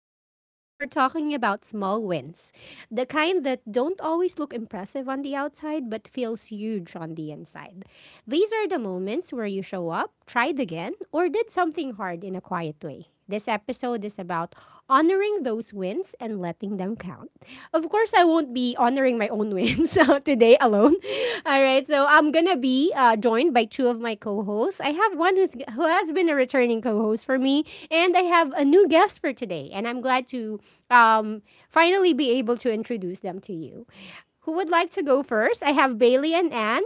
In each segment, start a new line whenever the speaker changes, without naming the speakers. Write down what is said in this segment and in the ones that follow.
Lounge. Today, we're talking about small wins, the kind that don't always look impressive on the outside but feels huge on the inside. These are the moments where you show up, tried again, or did something hard in a quiet way. This episode is about honoring those wins and letting them count. Of course, I won't be honoring my own wins today alone. All right, so I'm gonna be joined by two of my co-hosts. I have one who has been a returning co-host for me, and I have a new guest for today. And I'm glad to um, finally be able to introduce them to you. Who would like to go first? I have Bailey and Anne.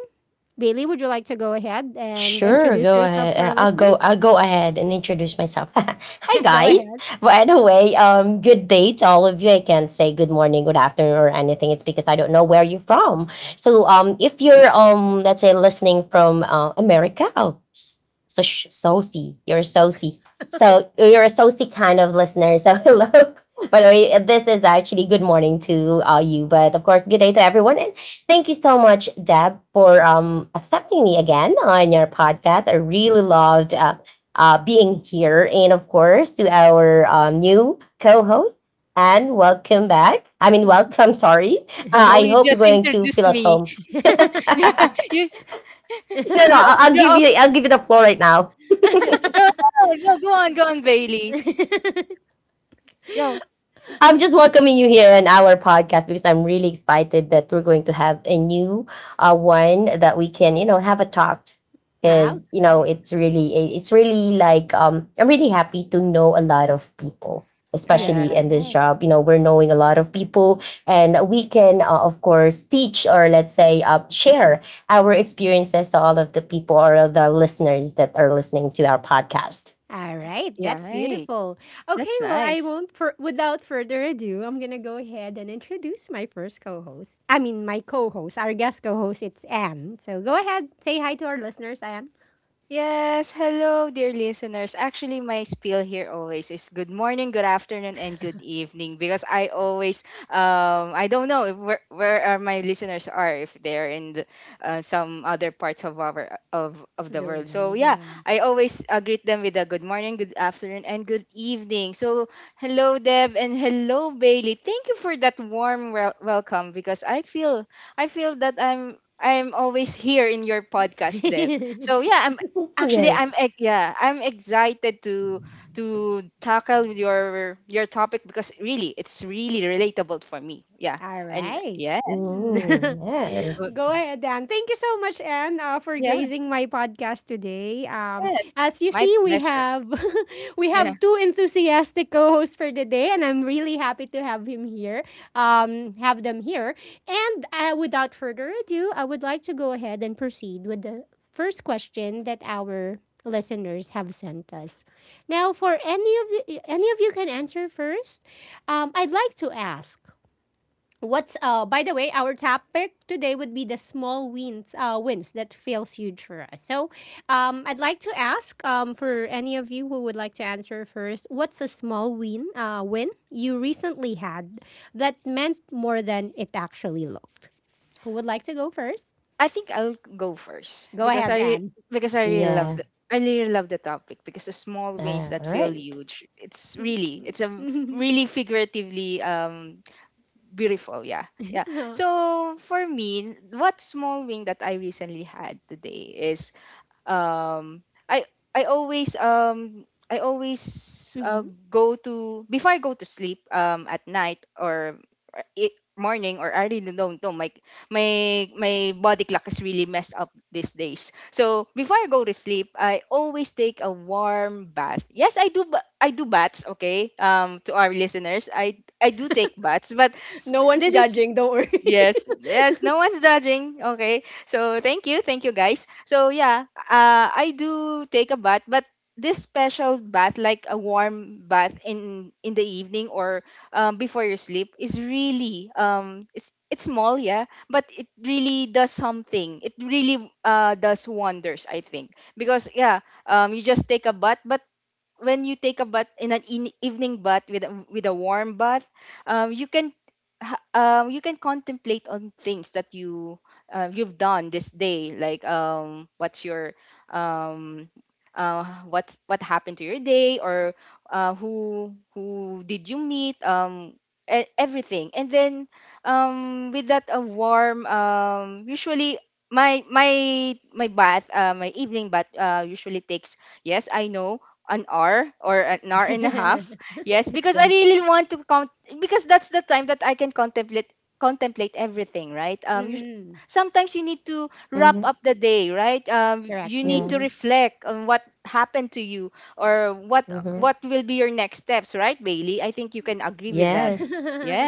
Bailey, would you like to go ahead and
Sure,
introduce
go
yourself
ahead.
to our
I'll go.
listeners?
I'll go ahead and introduce myself. Hi,
Go
guys.
ahead.
By the way, good day to all of you. I can't say good morning, good afternoon, or anything. It's because I don't know where you're from. So, if you're let's say listening from America, oh, s- so sh- soci, you're a soci. So you're a soci kind of listener. So hello. By the way, this is actually good morning to you, but of course, good day to everyone. Thank you so much, Deb, for accepting me again on your podcast. I really loved being here. And of course, to our new co host, and welcome back. I mean, welcome, sorry.
Oh,
I
you
hope you're
just
going to feel
introduced
at
me.
home. no,
Yeah, you
no,
Okay.
you
I'll
you're
give
all.
you the floor right now.
You, no, no, no, go on, go on, Bailey. Yo,
I'm just welcoming you here in our podcast because I'm really excited that we're going to have a new one that we can, you know, have a talk. Because you know, it's really like I'm really happy to know a lot of people,
All
especially
yeah,
in this
right.
job. You know, we're knowing a lot of people, and we can, of course, teach or let's say, share our experiences to all of the people or the listeners that are listening to our podcast.
All right.
yeah.
That's
Hey,
beautiful. Okay.
that's
Well, I
nice.
won't, without further ado, I'm going to go ahead and introduce my first co host. I mean, my co host, our guest co host, it's Anne. So go ahead, say hi to our listeners, Anne.
Yes, hello, dear listeners. Actually, my spiel here always is good morning, good afternoon, and good evening because I always, I don't know if where are my listeners are, if they're in the, some other parts of our of the
The
world. So
world,
yeah, I always greet them with a good morning, good afternoon, and good evening. So hello, Deb, and hello, Bailey. Thank you for that warm welcome because I feel that I'm always here in your podcast, Deb.
yeah.
So yeah, I'm Actually,
Yes.
yeah, I'm excited to tackle your topic because really, it's really relatable for me. Yeah,
All
and
right.
yeah,
Ooh, yes.
uh,
Go ahead, Dan. Thank you so much, Anne, for
yeah,
gracing my podcast today.
yes,
As you
my
see, we
pleasure.
have we
Yeah,
have two enthusiastic co-hosts for the day, and I'm really happy to have him here. Have them here, and without further ado, I would like to go ahead and proceed with the first question that our listeners have sent us. Now, for any of you can answer first. I'd like to ask. What's By the way, our topic today would be the small wins that feels huge for us. So I'd like to ask for any of you who would like to answer first, what's a small win you recently had that meant more than it actually looked? Who would like to go first?
I think I'll go first
Go
because
ahead,
I
Anne.
because I really love
Yeah.
the topic because the small wins
All
that feel
right.
huge. It's really it's a really figuratively beautiful. Yeah, yeah. So for me, what small win that I recently had today is, um i i always um I always,
Mhm.
go to before I go to sleep, at night, or, morning, or I really don't know, my my body clock is really messed up these days. So before I go to sleep I always take a warm bath. Yes, I do I do baths. Okay, to our listeners, I do take baths, but
No one's
this is…
judging, don't worry.
Yes, yes, no one's judging. Okay. So thank you, thank you, guys. So yeah, I do take a bath, but this special bath, like a warm bath in the evening, or before your sleep is really, it's small, yeah, but it really does something. It really does wonders, I think. Because, yeah, you just take a bath, but when you take a bath in an evening bath with with a warm bath, you can you can contemplate on things that you, you've done this day, like, what's your, um, uh, what happened to your day, or who did you meet, everything. And then with that, a warm, usually, my my bath, my evening bath, usually takes, yes, I know, an hour or an hour and a half. Yes,
That's
because I
good.
really want to count, because that's the time that I can contemplate everything, right?
Mm,
Sometimes you need to wrap
Mm-hmm.
up the day, right?
correct.
You need
Hmm,
to
Yeah.
reflect on what happened to you, or what
Mm-hmm.
what will be your next steps, right, Bailey? I think you can agree with that.
Yes.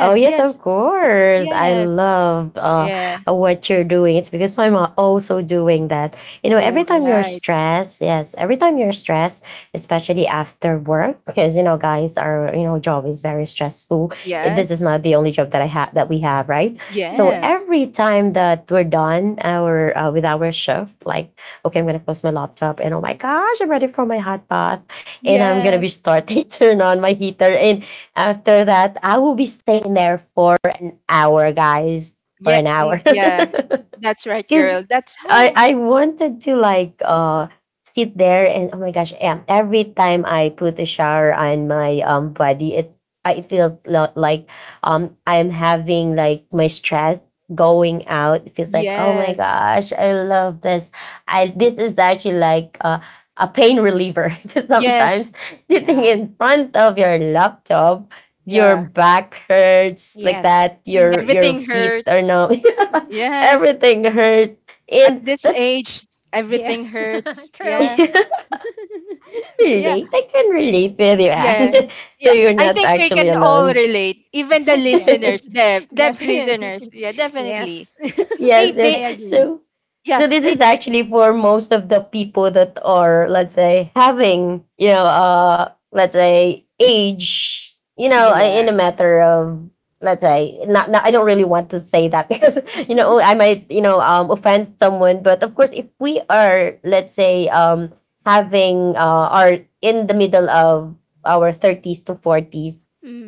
Oh yes, of
yes.
course. I
Yes.
love
Yeah.
what you're doing. It's because I'm also doing that. You know,
All
every time you're
right.
stressed, yes, every time you're stressed, especially after work, because you know, guys, our you know job is very stressful. It- This
Yes.
is not the only job that I have that we have, right? So
hmm.
Yes.
every time that we're done our with our shift, like okay, I'm gonna close my laptop, and oh my gosh, I'm ready for my hot bath, and I'm gonna be
Yes.
starting turn on my heater, and after that, I will be staying there for an hour, guys. For
Yeah,
an hour.
mm, yeah, that's right,
Cause
girl. That's
I
how…
I wanted to like sit there and oh my gosh, every time I put a shower on my body, it feels like I'm having like my stress going out. It feels like oh my
Yes.
gosh, I love this. I This is actually like a pain reliever because
Yes.
sometimes sitting
Yeah.
in front of your laptop your
Yeah.
back hurts like
Yes.
that your
Mm-hmm.
your
Everything
feet are
hurts.
numb.
Yes.
Everything hurt.
At
And
this
that's
age, everything
Yes,
hurts.
I
true.
Yeah.
can
Yeah.
relate. I can relate with you,
Yeah.
Anne. So
Yeah.
you're
I
not
think we
actually
can all
alone.
relate. Even the listeners,
Definitely,
Deb, Deb's listeners.
definitely.
Yeah, definitely.
Yes,
Hey,
yes,
I
yes.
agree.
So,
yeah.
so this
Hey.
is actually for most of the people that are, let's say, having, you know, let's say, age, you know,
Yeah.
in a matter of, let's say, not, not, I don't really want to say that because, you know, I might, you know, offend someone. But of course, if we are, let's say, having, are in the middle of our 30s to 40s,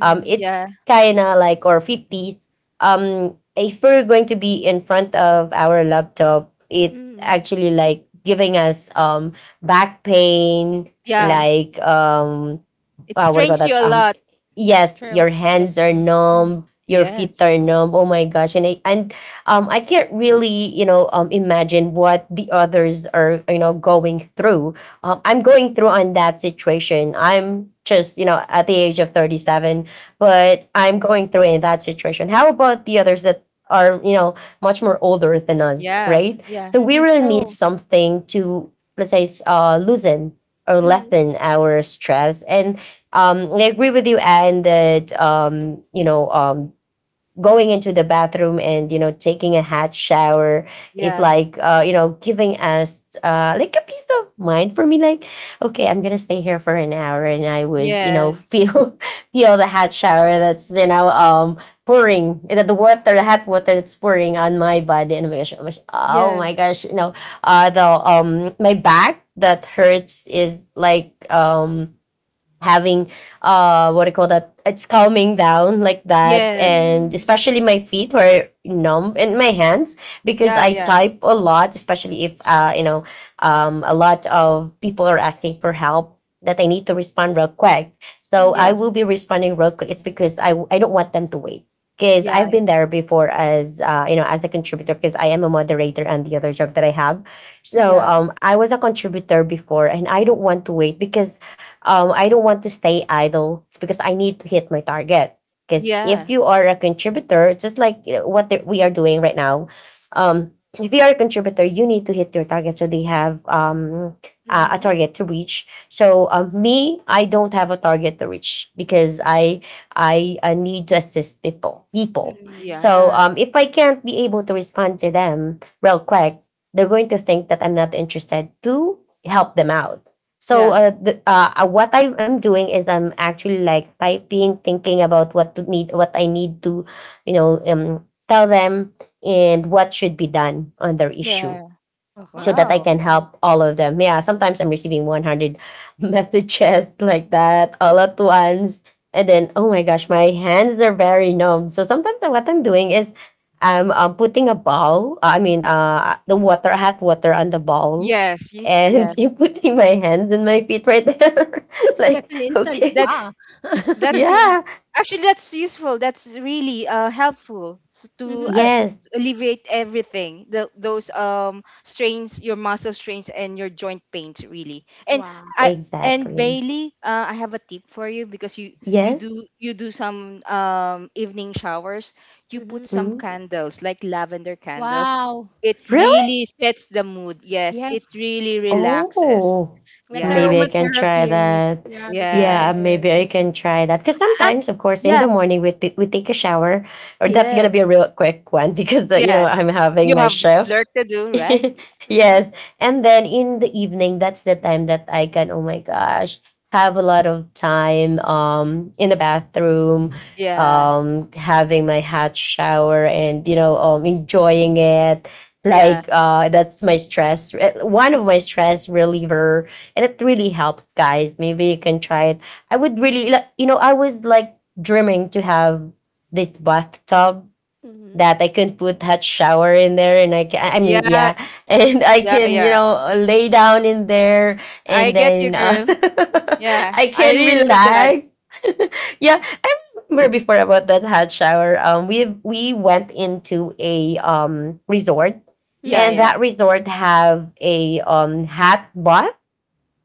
it's
Yeah.
kind of like, or 50s, if we're going to be in front of our laptop, it
mm,
actually like giving us back pain,
true,
Yeah.
like
It
what do you call
strains
that,
you a lot.
yes,
true.
your
That's
hands are
true. Mm,
numb, your feet
Yes.
are numb, oh my gosh. And I can't really, you know, imagine what the others are, you know, going through. I'm going through
mm,
on that situation. I'm just, you know, at the age of 37, but I'm going through in that situation. How about the others that are, you know, much more older than us,
Yeah.
right?
Yeah.
So we
mm,
really need
true.
something to, let's say, loosen or
Mm,
lessen our stress. And I agree with you, Anne, that, you know, going into the bathroom and you know taking a hot shower is
Yeah.
like you know giving us like a peace of mind for me, like okay, I'm gonna stay here for an hour, and I would, you know,
Yes.
feel feel the hot shower that's, you know, pouring the water, the hot water, that's pouring on my body, and I'm like, oh my gosh, oh
Yeah.
my gosh, you know, the my back that hurts is like having what do you call that, it's calming down like that.
Yes.
And
mm,
especially my feet were numb and my hands, because
Yeah.
I
Yeah.
type a lot, especially if you know, a lot of people are asking for help that I need to respond real quick. So
Yeah.
I will
mm,
be responding real quick. It's because I don't want them to wait because I've
Yeah.
been there before as you know as a contributor, because I am a moderator and the other job that I have. So
Yeah.
mm,
I was a contributor before and I don't want to wait because I don't want to stay idle. It's because I need to hit my target. Because if
Yeah.
you are a contributor, it's just like, you know, what the, we are doing right now. Um, if you are a contributor, you need to hit your target. So they have a
mm,
target to reach. So me, I don't have a target to reach because I need to assist people. People.
mm.
So
Yeah.
if I can't be able to respond to them real quick, they're going to think that I'm not interested to help them out. So
Yeah.
what I am doing is I'm actually like typing, thinking about what to need, what I need to, you know, tell them, and what should be done on their issue,
Yeah.
so
Uh-huh,
that I
Wow.
can
definitely.
help all of them. Yeah, sometimes I'm receiving 100 messages like that all at once. And then, oh my gosh, my hands are very numb. So sometimes what I'm doing is I'm putting a ball, I mean, the water, hot water on the ball.
Yes. y-
And
Yeah.
you putting my hands and my feet right there.
That's
Like,
an instant
okay.
That's
spa.
that's
Yeah.
Yeah.
actually, that's useful. That's really helpful, to
Mm-hmm.
Yes,
alleviate everything. The, those strains, your muscle strains, and your joint pains, really. And I
Wow.
and
exactly.
Bailey, I have a tip for you, because you you
Yes.
do you do some evening showers. You put
Mm-hmm.
some
Mhm.
candles, like lavender candles.
Wow.
It
Oh,
really sets the mood. Yes, it
yes.
really relaxes.
Oh,
That's
Yeah.
maybe I can try
aromatherapy in it.
that.
Yeah, that's
Yeah,
Yes.
maybe I
aromatherapy.
can try that. Because
Ac-
sometimes, of course, in
yeah.
the morning we we take a shower, or that's gonna be
Yes.
a real quick one because the, you know
Yes.
I'm having
You
my
have
shift.
work to do, right?
Mm-hmm.
yes, and then in the evening, that's the time that I can. Oh my gosh, have a lot of time in the bathroom,
Yeah.
having my hot shower and you know enjoying it
Yeah.
like that's my stress one of my stress reliever. And it really helps, guys. Maybe you can try it. I would really you know, I was like dreaming to have this bathtub
Mhm.
that I can put hot shower in there, and I can, I mean,
Yeah.
yeah, and I
Yeah.
can, you
Yeah.
know, lay down in there
I
and
get you,
then
girl. Yeah.
I
I
can
really love that.
relax. yeah, remember before about that hot shower. We went into a resort,
Yeah.
and
Mhm.
Yeah.
that resort have a hot bath.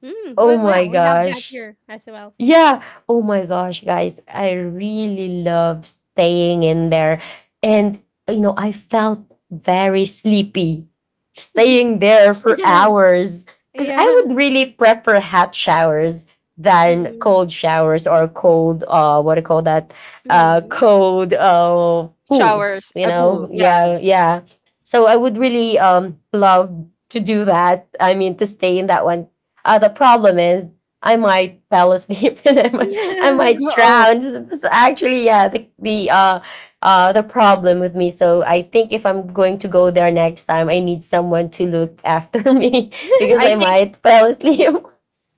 Mm.
Oh
Oh,
my
well, we have that
gosh!
here as well.
Yeah. Oh my gosh, guys. I really love staying in there. And, you know, I felt very sleepy staying there for hours because I
Yeah.
would really prefer hot showers than
Mm-mm.
cold showers or cold, what do you call that?
Mm.
Cold pool,
Showers,
you
a
Mm.
pool.
know?
Yeah.
Yeah. Yeah. So I would really love to do that. I mean, to stay in that one. The problem is I might fall asleep, and I might
Oh,
drown. This is- actually, yeah, the problem with me. So I think if I'm going to go there next time, I need someone to look after me because
I
I
think
might fall asleep.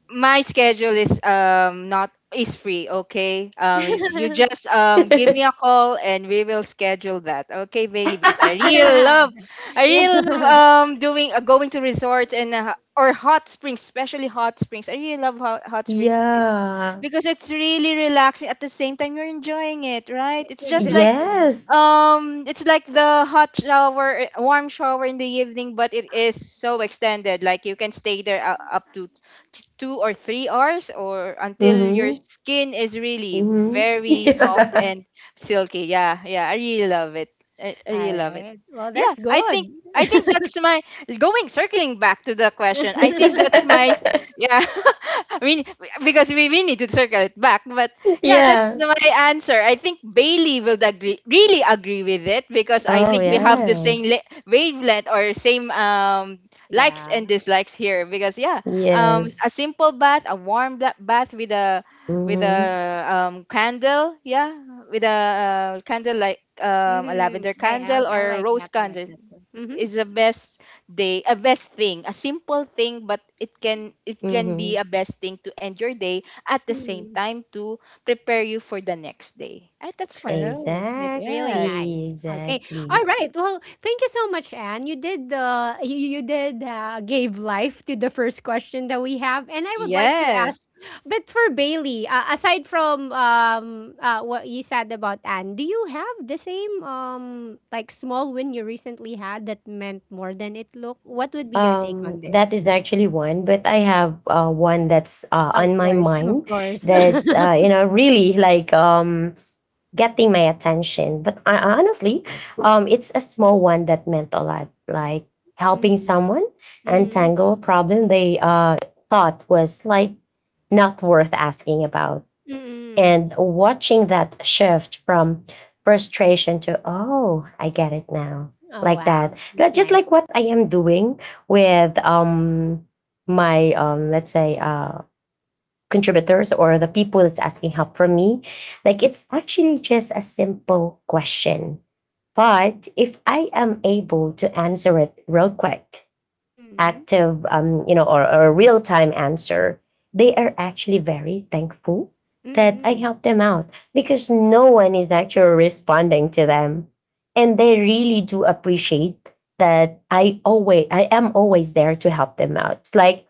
my schedule is, not, is free. Okay. You just give me a call and we will schedule that. Okay, Bailey, because
Yeah.
I really love doing, going to resorts and, or hot springs, especially hot springs. I really love hot, hot springs
yeah.
because it's really relaxing at the same time you're enjoying it, right? It's just like,
Exactly.
Yes.
it's like the hot shower, warm shower in the evening, but it is so extended. Like, you can stay there, up to 2 or 3 hours, or until your
Mhm.
skin is really
Mhm.
very soft and silky. Yeah, yeah, I really love it. I really
All
love it.
right. Well,
Yeah,
that's
I think
good.
that's my going, circling back to the question. I
Yeah.
think that's my yeah. I mean, because we need to circle it back, but yeah, that's
yeah.
my answer. I think Bailey will agree, really agree with it, because I
Yeah.
Oh
think we have the same
yes.
wavelength, or same, likes and
Yeah.
dislikes here. Because yeah,
Yes.
a simple bath, a warm bath with a, with a
Mhm.
candle, yeah, with a, candle, like, a
Mhm.
lavender
I, I
candle
I
or
like
rose
that. I like
candle
that too. Mhm.
is a best day, a best thing, a simple thing, but it can be
Mhm.
a best thing to end your day, at the same
Mhm.
time to prepare you for the next day. That's for me.
True. That's really
Yes.
Exactly,
nice. Okay.
exactly.
All right. Well, thank you so much, Anne. You did you, you did gave life to the first question that we have, and I would like to ask,
Yes.
but for Bailey, aside from what you said about Anne, do you have the same like small win you recently had that meant more than it looked? What would be your take on
That
this?
is actually one, but I have one that's
Of
on my
course, of
mind,
course.
that's you know really like getting my attention. But I honestly, it's a small one that meant a lot, like helping
Mm,
someone
mm,
untangle a problem they thought was like not worth asking about.
mm, mm.
And watching that shift from frustration to, oh, I get it now,
Oh,
like
wow,
that.
that's
That- Just
nice.
like what I am doing with my, let's say, contributors or the people that's asking help from me. Like it's actually just a simple question. But if I am able to answer it real quick,
Mm,
active, you know, or real time answer, they are actually very thankful that I
mm.
helped them out because no one is actually responding to them. And they really do appreciate that I am always there to help them out. It's like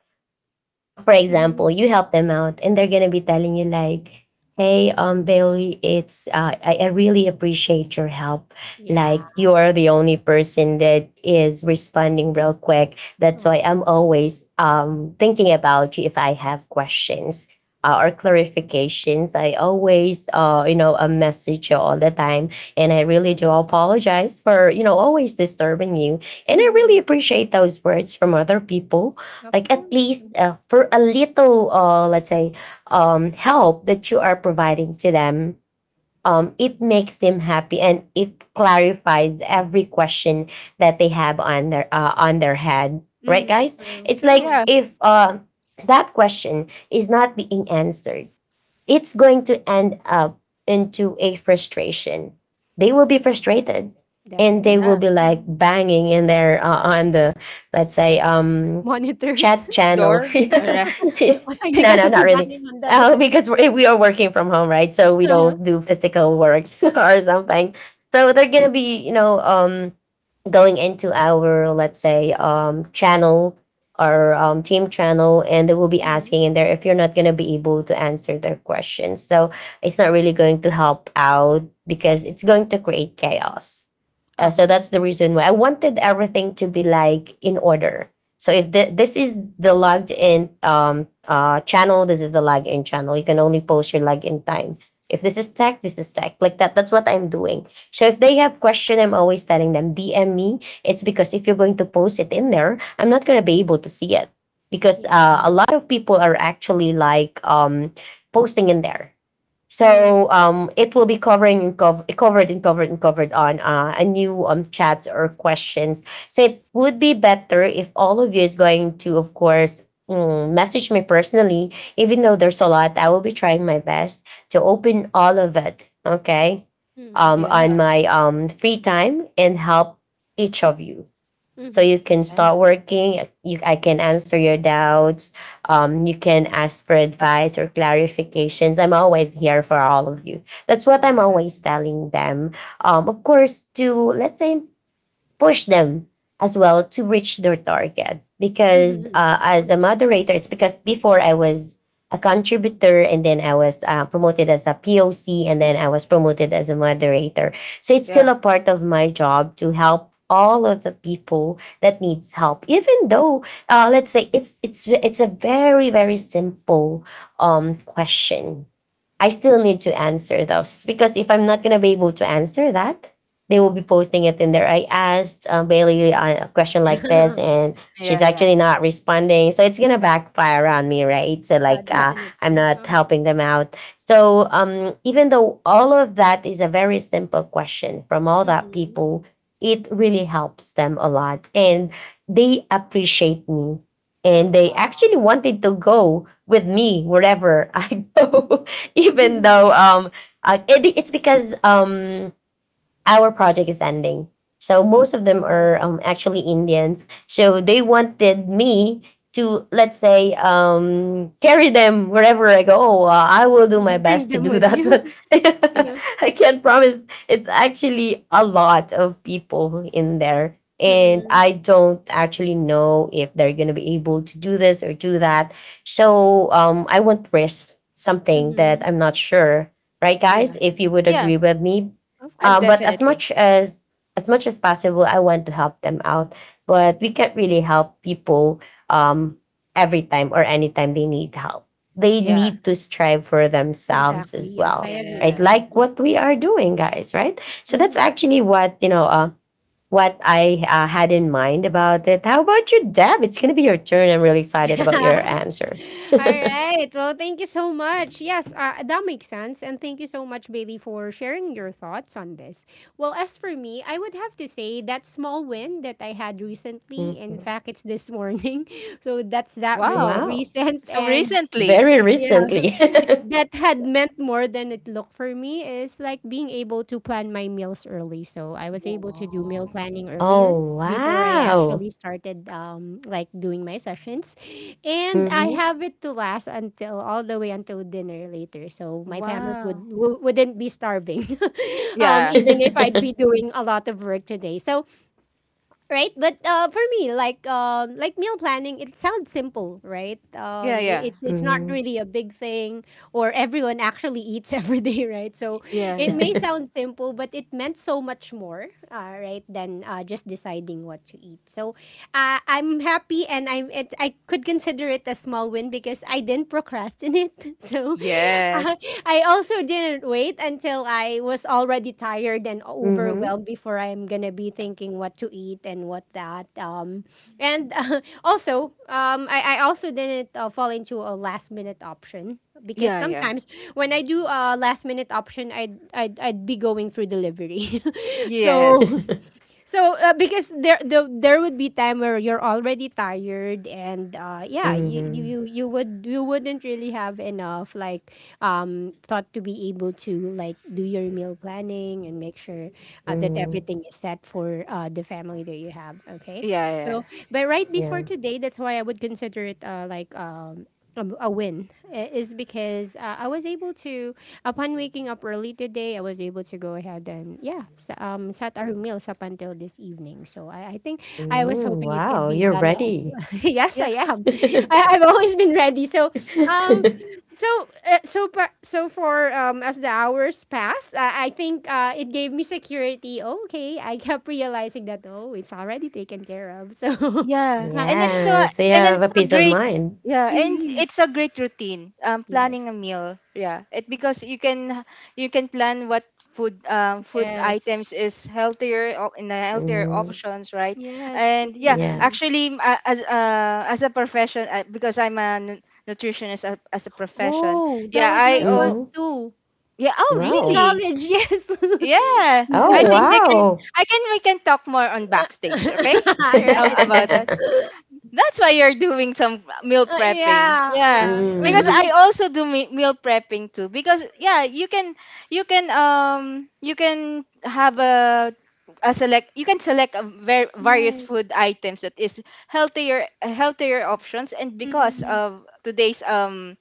for example,
Mhm.
you help them out and they're gonna be telling you like, hey, Bailey, it's I really appreciate your help.
Yeah.
Like you are the only person that is responding real quick. That's why
Um,
I'm always thinking about you if I have questions. Or clarifications. I always, a message you all the time, and I really do apologize for, always disturbing you. And I really
Mhm.
appreciate those words from other people
Of
like at
course.
least
Mhm.
for a little let's say help that you are providing to them, it makes them happy and it clarifies every question that they have on their head, right
Mm,
guys?
true,
It's like
true.
Yeah.
if that question is not being answered, it's going to end up into a frustration. They will be frustrated and they will
Yeah.
Definitely.
be like
Mhm.
banging in there on the, let's say,
Monitors.
chat channel.
Door. All right.
No,
Why are they
no,
gonna be
not really.
banging on the door?
Because we are working from home, right? So we
Uh-huh.
don't do physical works or something. So they're gonna be, going into our, let's say, channel, our team channel, and they will be
Mhm.
asking in there if you're not going to be able to answer their questions. So it's not really going to help out because it's going to create chaos. So
Uh-huh.
that's the reason why I wanted everything to be like in order. So if the, this is the logged in channel, this is the log in channel. You can only post your log in time. If this is tech, this is tech, like that. That's what I'm doing. So if they have question, I'm always telling them DM me. It's because if you're going to post it in there, I'm not going to be able to see it because
Yeah.
a lot of people are actually like posting in there.
Mm.
So it will be covering and covered and covered and covered on a new chats or questions. So it would be better if all of you is going to, of course, mm, message me personally. Even though there's a lot, I will be trying my best to open all of it. Okay,
Mhm.
Yeah.
on my free time and help each of you, so
Mhm.
you can
Yeah.
start I can answer your doubts, you can ask for advice or clarifications. I'm always here for all of you. That's what I'm
Wow.
always telling them. Of course, to, let's say, push them as well to reach their target because
Mhm.
as a moderator, it's because before I was a contributor, and then I was promoted as a POC, and then I was promoted as a moderator. So it's
Yeah.
still a part of my job to help all of the people that needs help even though, let's say, it's a very very simple question, I still need to answer those because if I'm not gonna be able to answer that, they will be posting it in there. I asked Bailey a question like this, and she's
Yeah. Yeah.
actually not responding, so it's gonna backfire on me, right? So
Yeah,
like,
Yeah.
I'm
definitely.
not
Uh-huh.
helping them out. So even though all of that is a very simple question from all that
Mm-mm.
people, it really helps them a lot, and they appreciate me, and
Oh,
they
Uh-huh.
wow.
actually wanted to go with me wherever I go. Even though it's because our project is ending. So most of them
Oh,
are actually Indians. So they wanted me to, let's say, carry them wherever I go. I will do my
Bring
best to
them
do
with
that,
you.
but
Yeah.
Uh
I can't promise. It's actually a lot of people in there. And
Mhm.
I don't actually know if they're going to be able to do this or do that. So I won't risk
Mm-mm.
something that
Mhm.
I'm not sure. Right,
Yeah.
guys? If you would
Yeah.
agree with me,
Of
I
course.
but as
definitely…
much as much as possible, I want to help them out. But we can't really help people, um, every time or anytime they need help. They
Yeah.
need to strive for themselves
Exactly.
as
Yes, I
well,
agree with
right?
Yeah.
that.
Like
Mhm.
what we are doing, guys, right? So that's
Mhm.
actually what, you know, what I had in mind about it. How about you, Deb? It's gonna be your turn. I'm really excited about your answer.
All right. Well, thank you so much. Yes, that makes sense. And thank you so much, Bailey, for sharing your thoughts on this. Well, as for me, I would have to say that small win that I had recently, in
Mhm.
fact, it's this morning. So that's
Wow.
Wow,
recent.
So
And
recently…
very
yeah,
recently.
that had meant more than it looked for me is like being able to plan my meals early. So I was able to do meal
Wow.
planning earlier
Oh,
before I
wow.
actually started like doing my sessions. And I
Mhm.
have it to last until all the way until dinner later. So my family would
Wow.
wouldn't be starving.
Yeah.
Even if I'd be doing a lot of work today. So right, but for me, like meal planning, it sounds simple, right?
Yeah.
I-
Yeah.
it's not
Mhm.
really a big thing, or everyone actually eats every day, right? So
Yeah.
it
Yeah.
may sound simple, but it meant so much more, right, than just deciding what to eat. So I'm happy, and I could consider it a small win because I didn't procrastinate. So
Yes.
I, I also didn't wait until I was already tired and
Mhm.
overwhelmed before I'm gonna be thinking what to eat and what that. And also, I also didn't fall into a last minute option, because
Yeah, yeah.
sometimes when I do a last minute option, I'd be going through delivery.
Yes.
so because there would be time where you're already tired, and yeah, you, you
Mhm.
you you would you wouldn't really have enough, like, thought to be able to like do your meal planning and make sure that
Mhm.
everything is set for the family that you have. Okay,
Yeah, yeah.
so, but right before
Yeah.
today, that's why I would consider it, like, a win, is because I was able to upon waking up early today, I was able to go ahead and, yeah, sat our meals up until this evening. So I think I was
Mm,
hoping it could
wow,
be
you're
done.
ready.
Yes,
Yeah,
I am. I've always been ready. Um, so so for as the hours passed, I think it gave me security. Okay, I kept realizing that, oh, it's already taken care of. So
yeah.
uh,
And it's a
Yeah. So you
and
have a
it's a
peace of
great,
mind.
yeah, and
mhm.
it's a great routine.
Yes,
Planning a meal. Yeah. It, because you can, plan what food, food
yes,
items is healthier, or in a healthier
Hmm.
options, right?
yes.
And, yeah,
Yeah.
Mhm.
actually, as, as a profession, because I'm a nutritionist, as a profession.
Oh, that
Yeah,
was
I
my
oh
course
Hmm.
too.
yeah, oh
In
Wow.
really?
college, yes.
Yeah,
Oh,
I think we can.
wow.
I can. We can talk more on backstage. Okay,
Right.
about that. That's why you're doing some meal prepping. Yeah.
Yeah,
Because
yeah.
Mm,
I also do meal prepping too, because, yeah, you can, you can you can have a select you can select a various
Yes.
food items that is healthier options, and because
Mm-mm.
of today's,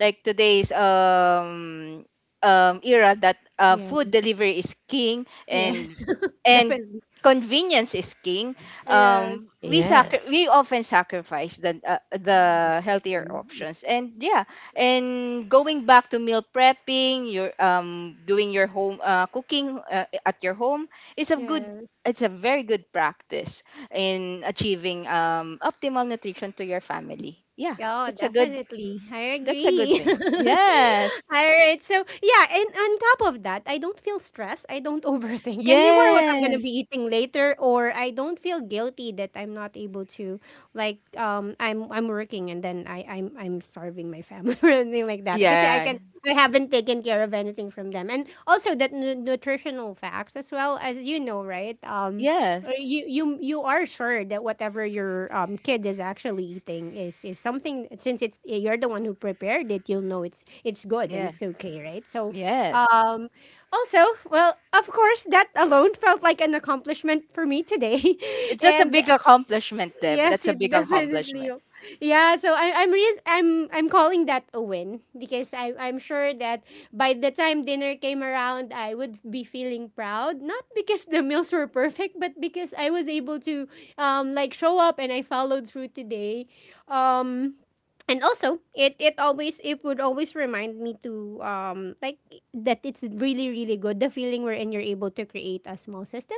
like today's, era that,
Yeah.
food delivery is king, and,
Yes.
and
Definitely.
convenience is king.
Yes.
We
yes.
often sacrifice the, healthier
Nutrition.
options, and, yeah, and going back to meal prepping, your, doing your home, cooking, at your home is a good,
Yes.
it's a very good practice in achieving, optimal nutrition to your family. Yeah,
Oh,
that's a good
definitely. I
that's a good
agree.
thing. Yes.
All right. So, yeah, and on top of that, I don't feel stressed. I don't overthink anymore what I'm going to be
Yes.
eating later, or I don't feel guilty that I'm not able to, like, I'm working, and then I'm starving my family or anything like that. Because
Yeah.
I haven't taken care of anything from them. And also that nutritional facts, as well, as you know, right?
Yes.
You are sure that whatever your kid is actually eating is something, since it's you're the one who prepared it, you'll know it's good, and
Yeah.
it's okay, right? So
Yes.
um also, well, of course, that alone felt like an accomplishment for me today,
It's just a
and
big accomplishment, Deb.
yes,
That's a
it
big
definitely
accomplishment.
will. Yeah, so I, I'm re- I'm calling that a win, because I'm sure that by the time dinner came around, I would be feeling proud. Not because the meals were perfect, but because I was able to like show up, and I followed through today. Um and also, it would always remind me to, like, that it's really really good, the feeling wherein you're able to create a small system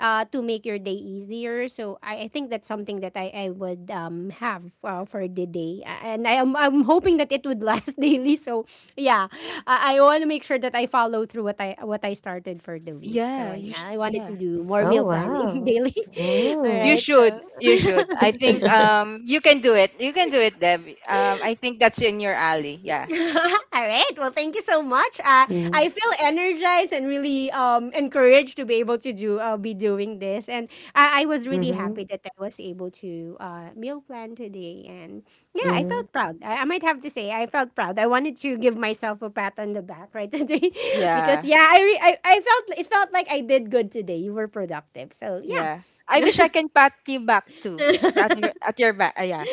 to make your day easier. So I think that's something that I would have for the day. And I'm hoping that it would last daily. So yeah, I want to make sure that I follow through what I started for the week. So
Yeah,
I,
you
I wanted
yeah.
to do more meal
Oh,
planning
wow.
daily. All
You
Mm.
right. So
should. You should. I think, you can do it. You can do it, Deb. I think that's in your alley. Yeah.
All right. Well, thank you so much.
Mm-hmm.
I feel energized and really encouraged to be able to do be doing this, and I was really happy that I was able to meal plan today. And yeah, I felt
Mm-hmm.
proud. I might have to say I felt proud. I wanted to give myself a pat on the back right today, because
Yeah.
yeah, I felt like I did good today. You were productive, so yeah.
Yeah. I wish I can pat you back too. At your, back. Yeah.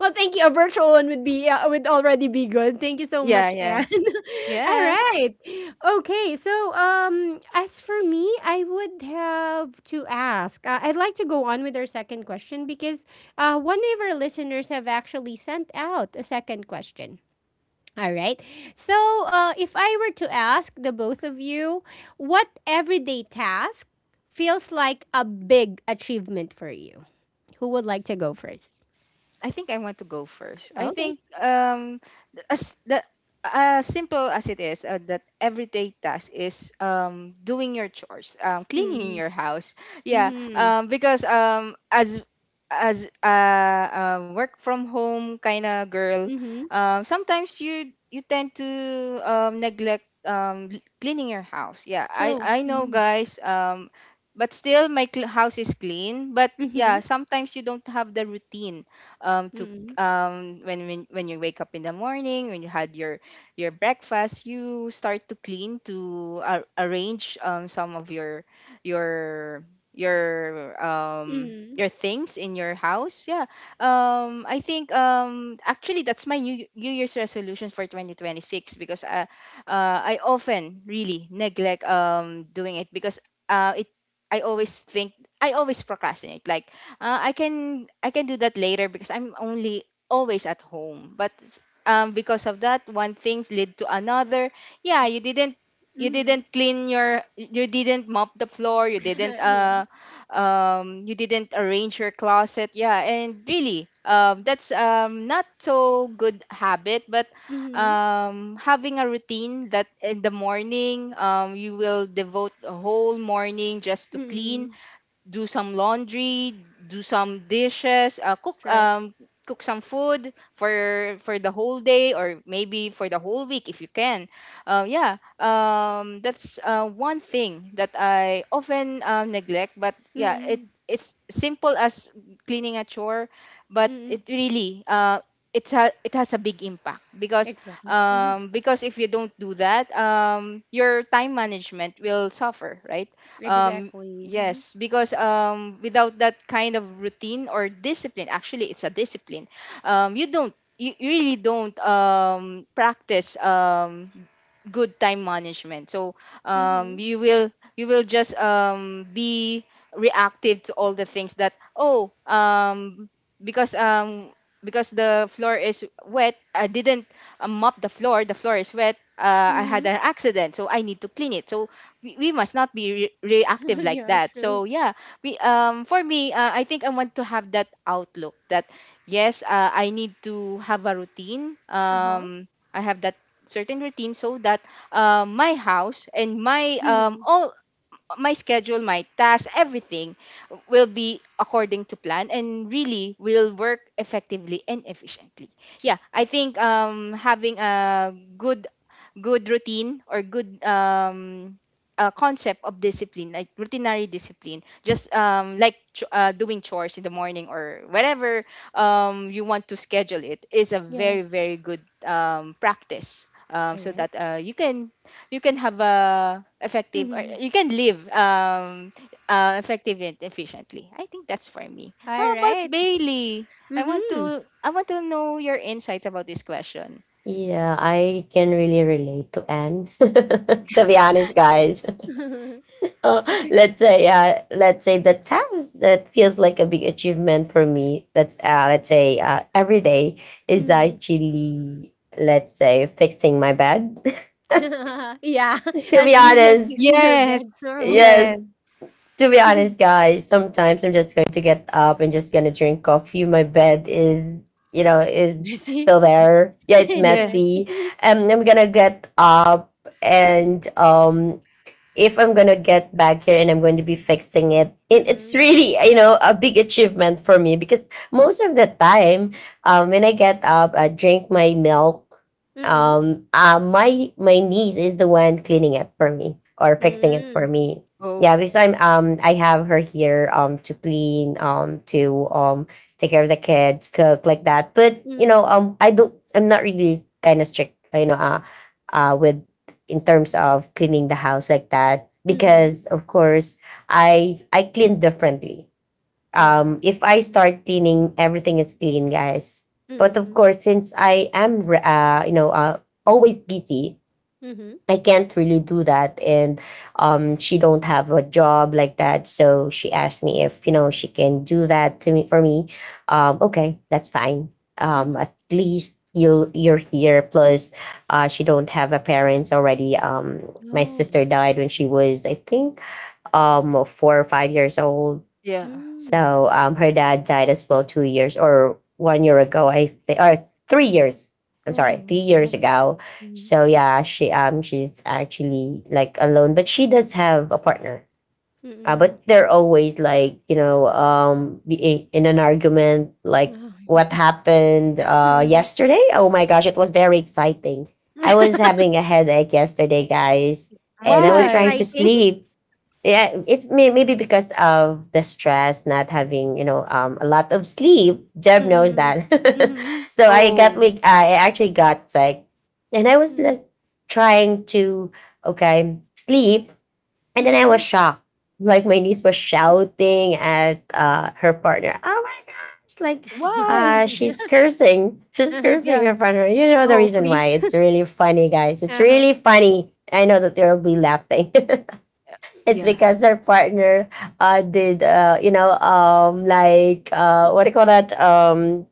Well, thank you. A virtual one would already be good. Thank you so
Yeah,
much,
yeah.
Anne. All
Yeah.
right. Okay. So, as for me, I would have to ask. I'd like to go on with our second question, because one of our listeners have actually sent out a second question. All right. So, if I were to ask the both of you, what everyday task feels like a big achievement for you? Who would like to go first?
I think I want to go first. I
Okay.
think, as the, as simple as it is, that everyday task is, doing your chores, cleaning
Hmm.
your house. Yeah,
Mhm.
because, as, a work from home kind of girl,
Mhm.
sometimes you tend to, neglect, cleaning your house. Yeah, I
True.
I know,
Mhm.
guys, but still my house is clean. But yeah,
Mhm.
sometimes you don't have the routine, to,
Mhm.
when you wake up in the morning, when you had your breakfast, you start to clean, to arrange, some of your
Mhm.
your things in your house. Yeah, I think, actually, that's my New Year's resolution for 2026, because, I often really neglect, doing it, because, it i always think I always procrastinate, like, I can, do that later, because I'm only always at home. But, because of that, one things lead to another. Yeah,
Mhm.
you didn't mop the floor. You didn't,
yeah.
you didn't arrange your closet. Yeah, and really, that's, not so good habit, but,
Mhm.
having a routine that in the morning, you will devote a whole morning just to clean,
Mhm.
do some laundry, do some dishes,
True.
cook some food for the whole day, or maybe for the whole week if you can. Yeah, that's, one thing that I often, neglect. But yeah,
Mhm.
it's simple as cleaning a chore, but
Mhm.
it really, it has a big impact, because,
Exactly. Mhm.
if you don't do that, your time management will suffer, right? um,
Exactly. Mhm.
Yes, because without that kind of routine or discipline, actually, it's a discipline. You don't, you really don't practice good time management. So um,
Mhm.
you will, you will just be reactive to all the things that oh, because um, because the floor is wet, I didn't mop the floor. The floor is wet. I
Mhm.
had an accident, so I need to clean it. So we must not be reactive like
yeah.
that,
True.
so yeah, we for me, I think I want to have that outlook that yes, I need to have a routine,
Uh huh.
I have that certain routine so that my house and my
Mhm.
all my schedule, my tasks, everything will be according to plan and really will work effectively and efficiently. Yeah, I think having a good routine or good concept of discipline, like routinary discipline, just like doing chores in the morning or whatever you want to schedule, it is a very
Yes.
very good practice
All
so
right.
that you can have a effective, or
Mhm.
you can live effective and efficiently. I think that's for me. How
All
about
right.
Bailey? i want
Mhm.
to i want to know your insights about this question.
Yeah, I can really relate to Anne. To be honest, guys, uh, let's say the task that feels like a big achievement for me, that's let's say, every day, is
Mhm.
actually, let's say, fixing my bed.
yeah.
To be
As easy as
honest,
fixing your
Yes.
bed, bro.
yes,
Yes.
to be
Mhm.
honest, guys, sometimes I'm just going to get up and just gonna drink coffee. My bed is, you know, is
Messy.
still there. Yeah, it's
It's
Yes.
messy.
messy. And I'm gonna get up and if I'm gonna get back here and I'm going to be fixing it, it's
Mhm.
really, you know, a big achievement for me because most of the time, when I get up, I drink my milk.
Mhm.
My my niece is the one cleaning it for me or fixing it for
Mm.
me. Yeah,
Oh,
because I have her here to clean, to take care of the kids, cook, like that. But you know,
Mm,
I don't, I'm not really kind of strict, you know, with, in terms of cleaning the house like that
mhm,
because of course I clean differently.
yeah.
If I
Nice.
start cleaning, everything is clean, guys. But of
Mm,
course, since I am you know, always busy,
mhm,
I can't really do that. And she don't have a job like that. So she asked me if, you know, she can do that to me, for me. Okay, that's fine.
mhm.
At least you're here. Plus, she don't have a parents already. My
Oh.
sister died when she was, I think, 4 or 5 years old.
yeah.
Mm.
So her dad died as well 2 years or one year ago, I think, or 3 years. I'm
Oh,
sorry, three
that
years
was
ago.
mhm.
So yeah, she she's actually like alone, but she does have a partner.
Mm.
But they're always like, you know, being in an argument, like
Wow.
what happened
Mm.
yesterday. Oh my gosh, it was very exciting. I was having a headache yesterday, guys, and I
It's
was
Why?
trying to
exciting.
sleep. Yeah, it may, maybe because of the stress, not having, you know, a lot of sleep. Jeb knows
Mm.
that,
Mhm,
so I got
Oh,
like, I actually got sick, and I was
mm,
like trying to, okay, sleep, and then I was
mhm.
shocked. Like my niece was shouting at her partner. Oh my gosh! Like
why?
she's cursing. She's
Uh-huh.
cursing
Yeah,
her partner. You know the
Oh,
reason why?
please.
It's really funny, guys. It's
Uh-huh.
really funny. I know that they'll be laughing. It's
yeah.
because their partner you know, like what do you call that?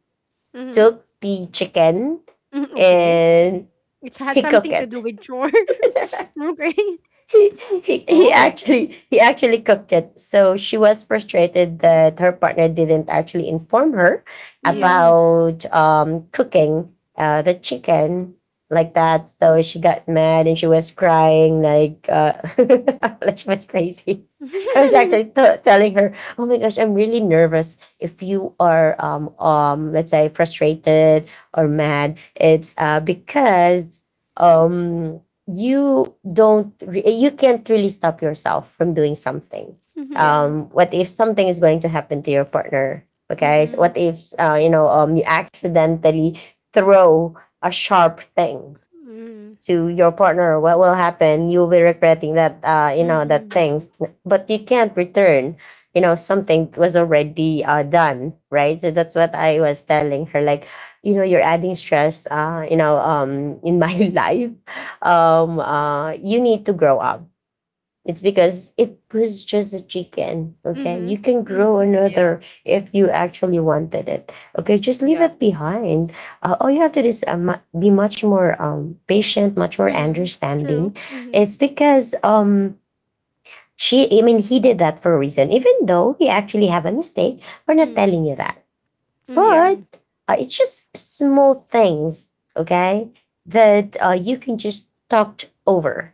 Mhm.
Took the chicken
Mm, okay.
and
It has
he cooked
something to do
it.
with chore. Okay.
he, he
Oh,
actually, he actually cooked it. So she was frustrated that her partner didn't actually inform her
yeah,
Mm.
about cooking the chicken, like that. So she got mad and she was crying like, like she was crazy. I was actually telling her, "Oh my gosh, I'm really nervous. If you are, let's say, frustrated or mad, it's because." Um, you don't re- you can't really stop yourself from doing something.
yeah,
Mhm.
Um, what if something is going to happen to your partner? Okay, so
Mhm.
what if, you know, you accidentally throw a sharp thing
Mm. Mm.
to your partner? What will happen? You'll be regretting that, you know, that
Mm.
things, but you can't return, you know, something was already done, right? So that's what I was telling her, like, you know, you're adding stress, you know, in my life. You need to grow up. It's because it was just a chicken. Okay. You
Mhm.
can grow
Mhm.
yeah,
another if you actually wanted it. Okay. Just leave
yeah,
it behind. All you have to do is be much more patient, much more
Mm, true.
understanding.
Mhm.
It's because I mean, he did that for a reason, even though he actually have a mistake. We're not
Mm,
telling you that.
yeah.
But
mhm.
it's just small things. Okay. That you can just talk over,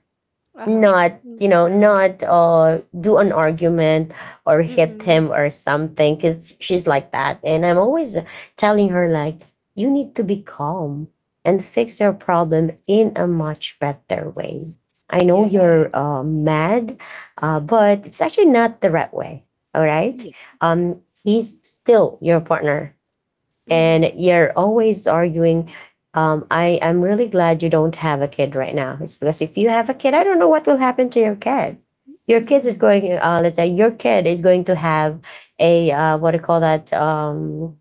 Uh-huh.
not
Mm, true.
not do an argument or hit
Mm-mm.
him or something, because she's like that. And I'm always telling her like, you need to be calm and fix your problem in a much better way. I know you're
Yes.
mad, but it's actually not the right way, all right?
Yeah.
He's still your partner
Mhm.
and you're always arguing. I'm really glad you don't have a kid right now. It's because if you have a kid, I don't know what will happen to your kid. Your kids is
Mhm.
going, let's say your kid is going to have a what do you call that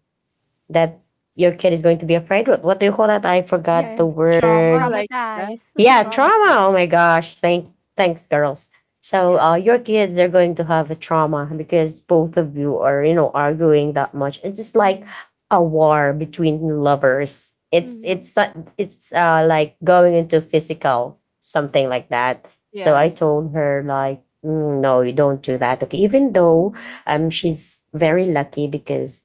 that your kid is going to be afraid of, what do you call that, I forgot
Yeah,
the
tr
Trauma
word.
like that.
Yeah,
Trauma
traumatized.
like.
trauma. Oh my gosh. Thanks, girls. So
Yeah,
your kids, they're going to have a trauma because both of you are, arguing that much. It's just like
Mhm.
a war between lovers. It's
Mhm.
it's uh, it's uh, like going into physical something like that. So
yeah.
I told her like, "Mm, no, you don't do that. Okay, even though
Mhm.
she's very lucky because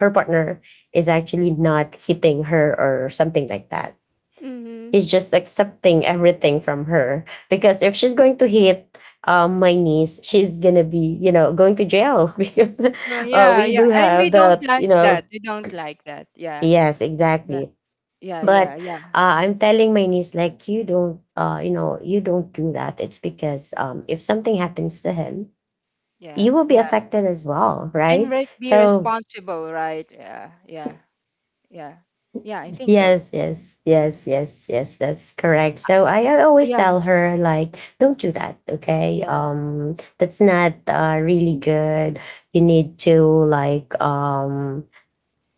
her partner is actually not hitting her or something like that. He's just accepting everything from her, because if she's going to hit my niece, she's gonna be, going to jail because
No, yeah,
we
yeah.
do
And we
have
don't
the,
like that. We don't like that. Yeah,
yes,
yeah,
exactly,
yeah, yeah,
but
yeah,
I'm telling my niece like, you don't you don't do that. It's because if something happens to him,
yeah,
you will be
yeah.
affected as well,
And
right?
re be
So
responsible, right? Yeah, yeah, yeah. Yeah, I think so.
yes, yes, yes, yes, yes. That's correct. So I always
Yeah,
tell her like, don't do that. Okay,
yeah,
that's not really good. You need to like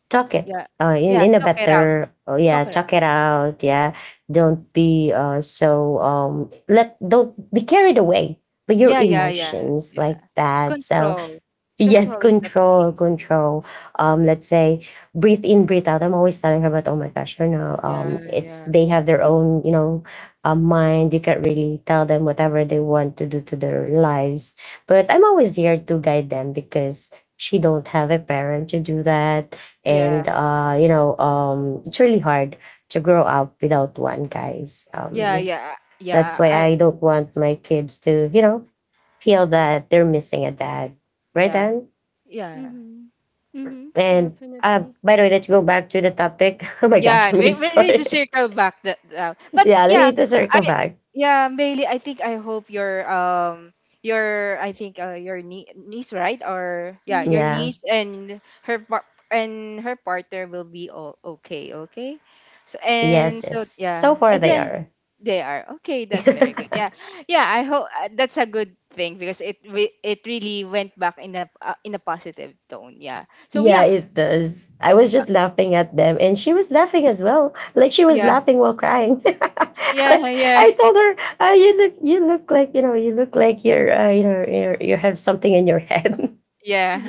talk it
yeah, yeah.
in a
Talk it out.
better, oh, yeah,
Talk it out.
talk it out. Yeah, don't be so let don't be carried away by your
Yeah, yeah, yeah, yeah,
emotions
yeah,
like
yeah.
that. So
Control.
yes,
Control is the key.
control, control. Let's say breathe in, breathe out. I'm always telling her about, oh my gosh,
Yeah,
it's
yeah,
they have their own, mind. You can't really tell them whatever they want to do to their lives. But I'm always here to guide them because she don't have a parent to do that,
yeah,
and it's really hard to grow up without one, guys.
yeah, yeah,
That's
yeah.
why I don't want my kids to, feel that they're missing a dad. Right,
Yeah,
Dan?
Mhm.
yeah.
Mhm. Mhm. Mhm.
And
Definitely.
by the way, let's go back to the topic. Oh my gosh,
Yeah,
I'm really
we need to
sorry.
circle back that. But
Yeah, we
yeah,
need to
I
circle back.
yeah, Bailey. I think I hope your your, I think your niece, right? Or yeah, your
Mhm.
Yeah.
niece and her and her partner will be all okay. Okay, so
Yes,
and so
yes. So
yeah,
far
and
they
then
are.
they are okay. That's very good. Yeah, yeah. I hope that's a good thing because it it really went back in a positive tone. Yeah. So
Yeah,
yeah,
it does. I was just laughing at them and she was laughing as well. Like, she was
yeah,
laughing while crying. Like,
yeah,
I told her, you look, you look like, you look like you're you're, you have something in your head.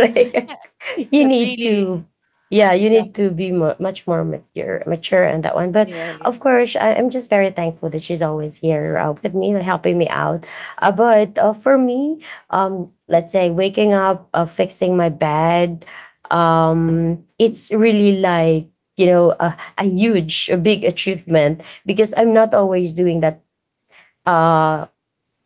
yeah.
Right? You
That's
need
really,
to, yeah, you
yeah,
need to be much more mature on that one. But
yeah, yeah.
of course, I'm just very thankful that she's always here with me and helping me out. But For me, let's say waking up, fixing my bed, it's really like, a huge, a big achievement, because I'm not always doing that uh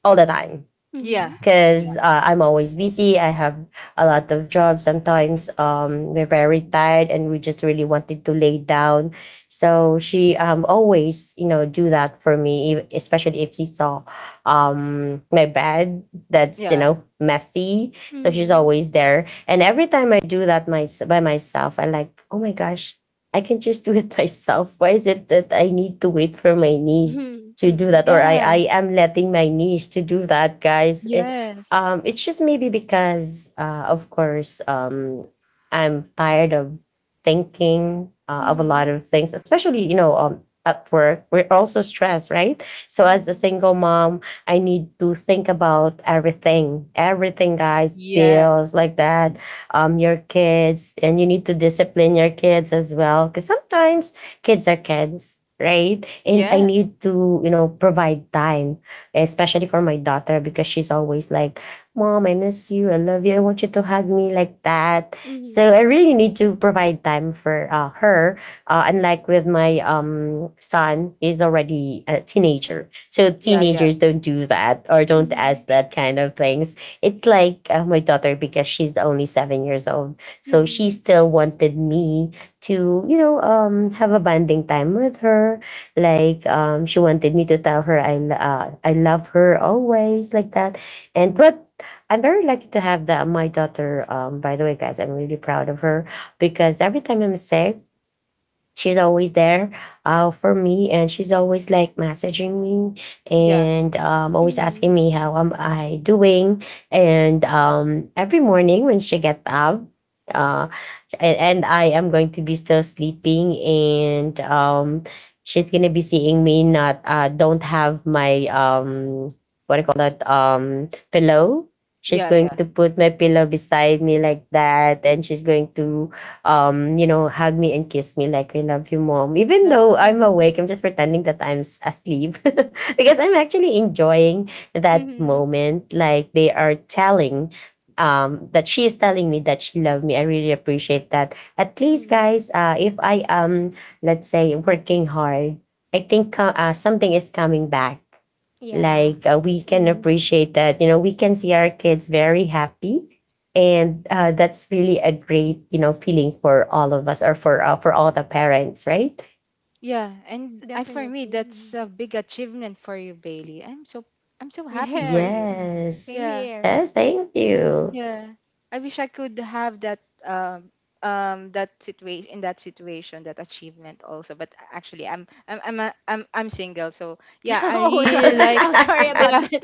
all the time,
Yeah.
Mhm.
Yeah.
because I'm always busy. I have a lot of jobs. Sometimes we're very tired and we just really wanted to lay down. So she always, do that for me, especially if she saw my bed that's,
Yeah.
messy. So she's
Mhm.
always there. And every time I do that by myself, I like, oh my gosh, I can just do it myself. Why is it that I need to wait for my niece to do that?
Mhm.
Or
Yeah.
I am letting my niece to do that, guys. Eh,
Yes.
it's just maybe because, of course, I'm tired of thinking
Mhm.
of a lot
Mhm.
of things, especially, at work. We're also stressed, right? So, as a
Yeah.
single mom, I need to think about everything, everything, guys,
Yes.
bills like that, your kids, and you need to discipline your kids as well. Because sometimes kids are kids. Right. And I
Yeah.
need to, provide time especially for my daughter, because she's always like, Mom, I miss you. I love you. I want you to hug me, like that.
Mhm.
So I really need to provide time for her. Unlike with my son, he's already a teenager. So
Yeah, yeah.
teenagers don't do that or don't
Mhm.
ask that kind of things. It's like my daughter, because she's only 7 years old. So she
Mhm.
still wanted me to, have a bonding time with her, like she wanted me to tell her I love her always, like that. And but I'm very lucky to have the, my daughter. By the way, guys, I'm really proud of her, because every time I'm sick, she's always there for me, and she's always like messaging me,
Yeah.
and always asking
Mhm.
me how am I doing. And every morning when she gets up, uh, and I am going to be still sleeping, and she's gonna be seeing me not don't have my what do you call that pillow. She's
Yeah,
going
yeah.
to put my pillow beside me like that, and she's going to hug me and kiss me like, I love you, Mom. Even
That
though I'm
Mhm.
awake, I'm just pretending that asleep because I'm actually enjoying that
Mhm.
moment, like they are telling that she is telling me that she loved me. I really appreciate that. At least,
Mhm.
guys, if I am, let's say, working hard, I think something is coming back,
Yeah.
like we can
Mhm.
appreciate that, we can see our kids very happy, and that's really a great, feeling, for all of us, or for all the parents, right?
yeah, and I for me
Definitely. Mhm.
that's a big achievement for you, Bailey. I'm so happy for
Yes,
you.
mm,
Yes,
same
Yeah.
here.
yes, thank you.
Yeah. I wish I could have that um that situation in that situation, that achievement also, but actually I'm single, so yeah I
Oh, sorry.
really like
Oh, sorry about
yeah
that.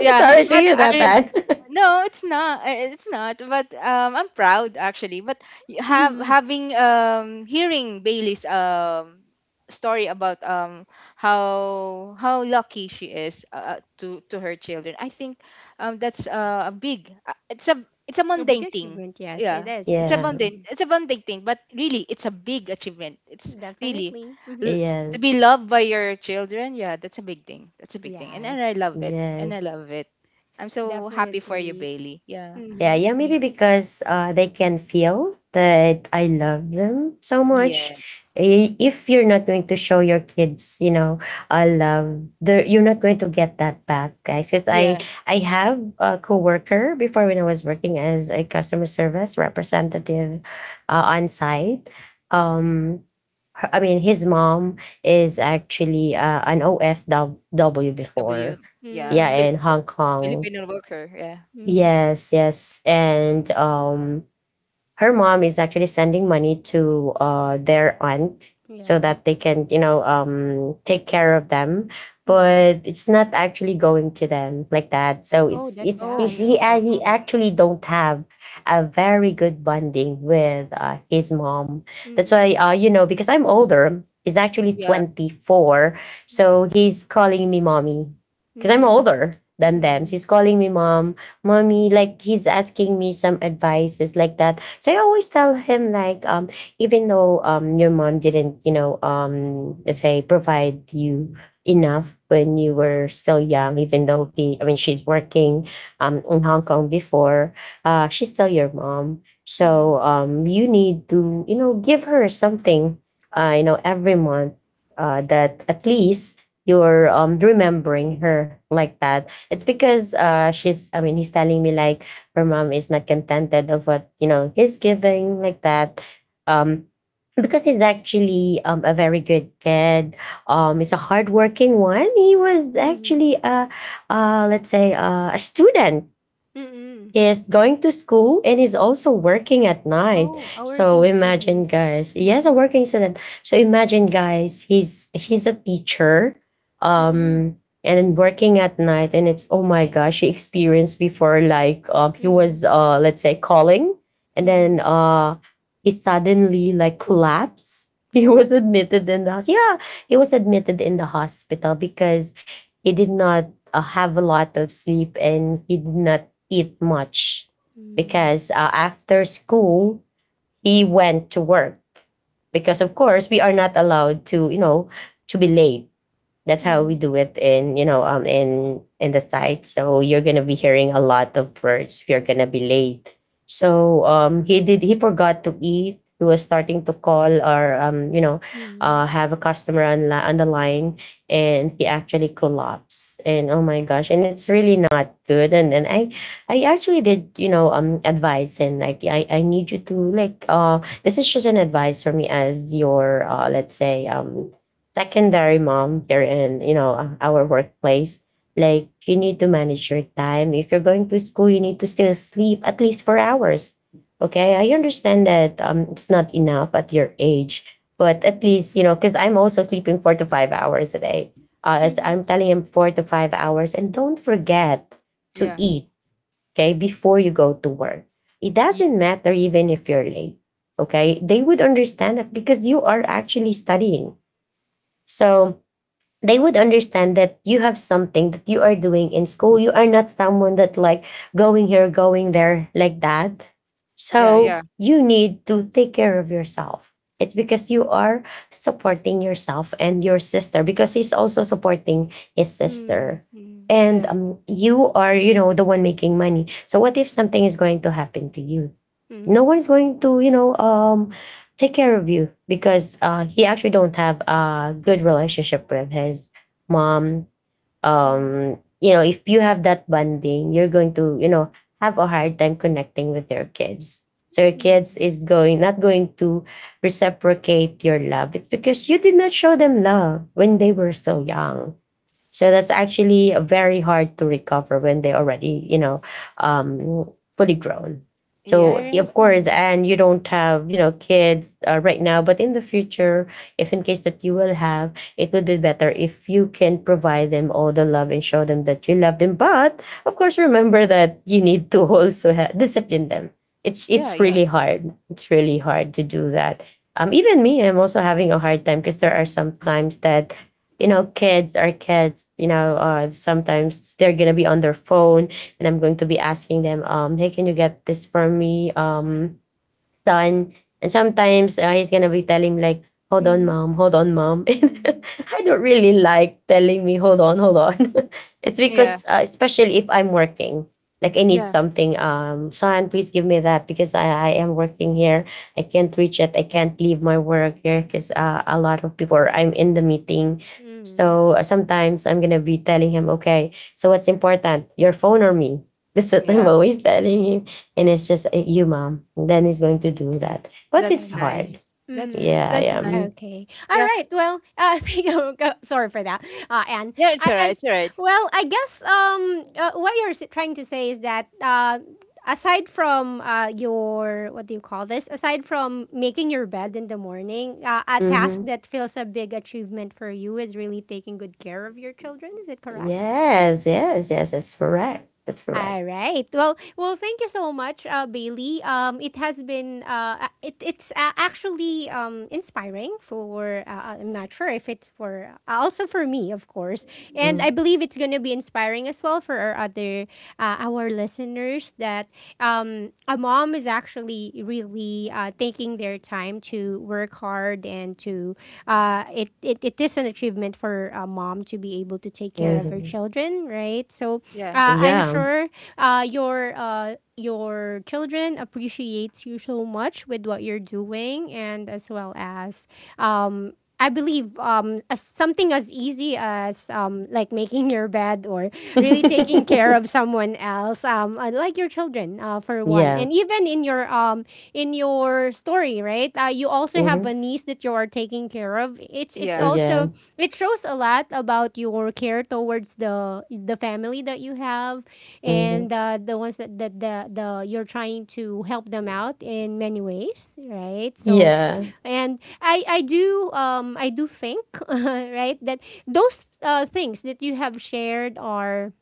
yeah
Sorry to
but
hear that,
i.
Dad.
No, it's not. It's not. But I'm proud actually. But have
Mhm.
having hearing Bailey's story about how lucky she is, to her children. I think that's a big. It's a
A big
mundane thing.
achievement, yes, it
Yeah,
is, it
it's a
is.
Yeah.
mundane,
Mm,
it's a mundane thing. But really, it's a big achievement. It's really
definitely. Hmm.
l- to be
Yes.
loved by your children. Yeah, that's a big thing. That's a big thing, and I
Yes,
love it. And I
Yes.
love it. I'm so happy for you,
definitely.
Bailey. Yeah.
Yeah,
Mm-hmm.
yeah, maybe
Yeah.
because they can feel that I love them so much.
Yes.
I- If you're not going to show your kids, I love, you're not going to get that back, guys.
Yeah.
I have a coworker before, when I was working as a customer service representative on site. Um, I mean, his mom is actually an OFW
W.
before,
Yeah.
yeah,
Mm-hmm.
in Hong Kong.
Filipino worker. Yeah.
Mm-hmm.
Yes, yes. And her mom is actually sending money to their aunt so
Yeah.
that they can, take care of them.
Mm.
But it's not actually going to them, like that. So
Oh, that's
Oh
it's
sad.
no, no,
he
no.
actually don't have a very good bonding with his mom. That's why,
Mm-mm.
because I'm older, he's actually
Yeah.
24, so he's calling me mommy because I'm
Mm-mm.
older than them. So
Mm-mm.
he's calling me
Mm-mm.
mommy, like he's asking me some advices like that. So I always tell him like, even though your mom didn't, let's say, provide you enough when you were still young, even though he I mean she's working in Hong Kong before, she's still your mom.
Mm-mm.
So you need to, give her something every month, that at least you're remembering her, like that. It's because she's I mean, he's telling me like, her mom is not contented of what, he's giving, like that. Um because he's actually a very good kid. He's a hardworking one. He was actually
Mm-mm.
a, let's say, a student
Mm-mm.
is going to school and is also working at night.
Oh, a
So
working
imagine,
student.
guys, he has a
Mm-hmm.
working student. So imagine, guys, he's a teacher,
Mm-mm.
um, and then working at night, and it's, oh my gosh, he experienced before, like he was,
Mm-mm.
let's say, calling, and then
Mm-hmm.
he suddenly like collapsed. He was
Oh.
admitted in the yeah, he was admitted in the hospital because he did not have a lot of sleep, and he did not eat much
Mm-hmm.
because after school he went to work because, of course, we are not allowed to, you know, to be late. That's how we
Mm-hmm.
do it in, in the site, so you're gonna be hearing a lot of words if you're gonna be late. So he forgot to eat. He was starting to call or,
Mm-hmm.
have a customer on, on the line, and he actually collapsed, and oh my gosh, and it's really not good. And I I actually did, advise him, like, I need you to, like, this is just an advice for me as your, let's say, secondary mom here in, our workplace, like, you need to manage your time. If you're going to school, you need to still sleep at least 4 hours. Okay, I understand that, it's not enough at your age, but at
Mhm.
least, you know, because I'm also sleeping 4 to 5 hours a day. As
Mhm.
I'm telling him, 4 to 5 hours, and don't forget to
Yeah.
eat, okay, before you go to work. It
Ye-
doesn't matter even if you're late. Okay, they would understand that because you are actually studying. So they would understand that you have something that you are doing in school. You are not someone that, like, going here, going there, like that.
Yeah.
So
Yeah.
you need to take care of yourself. It's because you are supporting yourself and your sister because he's also supporting his sister.
Mhm.
And
Yeah.
you are, you know, the one making money. So what if something is going to happen to you? No
Mhm.
one's going to, you know, take care of you because he actually don't have a good relationship with his mom.
Mhm.
You know, if you have that bonding, you're going to, you know, have a hard time connecting with your kids. So your kids
Mhm.
is going, not going to reciprocate your love. It's because you did not show them love when they were so young, so that's actually very hard to recover when they already, you know, um, fully grown. So
Yeah.
Alright.
of course,
Mhm.
and you don't have, you know, kids right now, but in the future, if in case that you will have, it would be better if you can provide them all the love and show them that you love them. But of course, remember that you need to also discipline them. It's
Yeah.
it's
Yeah.
really hard. It's really hard to do that. Even me, I'm also having a hard time because there are some times that, you know, kids are kids. You know, sometimes they're gonna be on their phone, and I'm going to be asking them, "Hey, can you get this for me?" Done. And sometimes he's gonna be telling me, like,
All
"Hold
right.
on,
Mm. Mhm.
mom. Hold on, mom." And
Mhm.
I don't really like telling me, "Hold on, hold on." It's
Yeah.
because especially if I'm working, like, I need
Yeah.
something. Son, please give me that because I am working here. I can't reach it. I can't leave my work here because a lot of people. Are, I'm in the meeting.
Mhm.
So sometimes I'm gonna be telling him, okay, so what's important, your phone or me? That's what I'm
Yeah.
always telling him, and it's just eh, you, mom. Then he's going to do that, but
That's
it's hard.
Alright.
nice. That's
Mhm.
Yeah,
that's
yeah.
nice.
Okay. All
Yeah.
right. Well, thank you. Sorry for that, Anne.
Yeah. It's
I,
alright.
I,
It's alright.
well, I guess what you're trying to say is that aside from your what do you call this? Aside from making your bed in the morning, a task
Mm-hmm.
that feels a big achievement for you is really taking good care of your children. Is it correct?
Yes, yes, yes. That's correct. That's correct.
All right. Well, well, thank you so much, Bailey. It has been it, it's actually inspiring for I'm not sure if it's for also for me, of course, and I
Mm-hmm.
believe it's going to be inspiring as well for our other our listeners that a mom is actually really taking their time to work hard and to it, it is an achievement for a mom to be able to take care
Yeah.
of her
Mm-hmm.
children, right? So
Yeah.
I'm
Yeah,
sure your children appreciates you so much with what you're doing, and as well as um, I believe as something as easy as like making your bed or really taking care of someone else, like your children for one,
yeah.
and even in your story, right? You also have
Mm-hmm.
a niece that you are taking care of. It's
Yeah.
Yeah.
also it shows a lot about your care towards the family that you have
Mm-hmm.
and the ones that, that the you're trying to help them out in many ways, right? So
Yeah.
and I do I do think right that those things that you have shared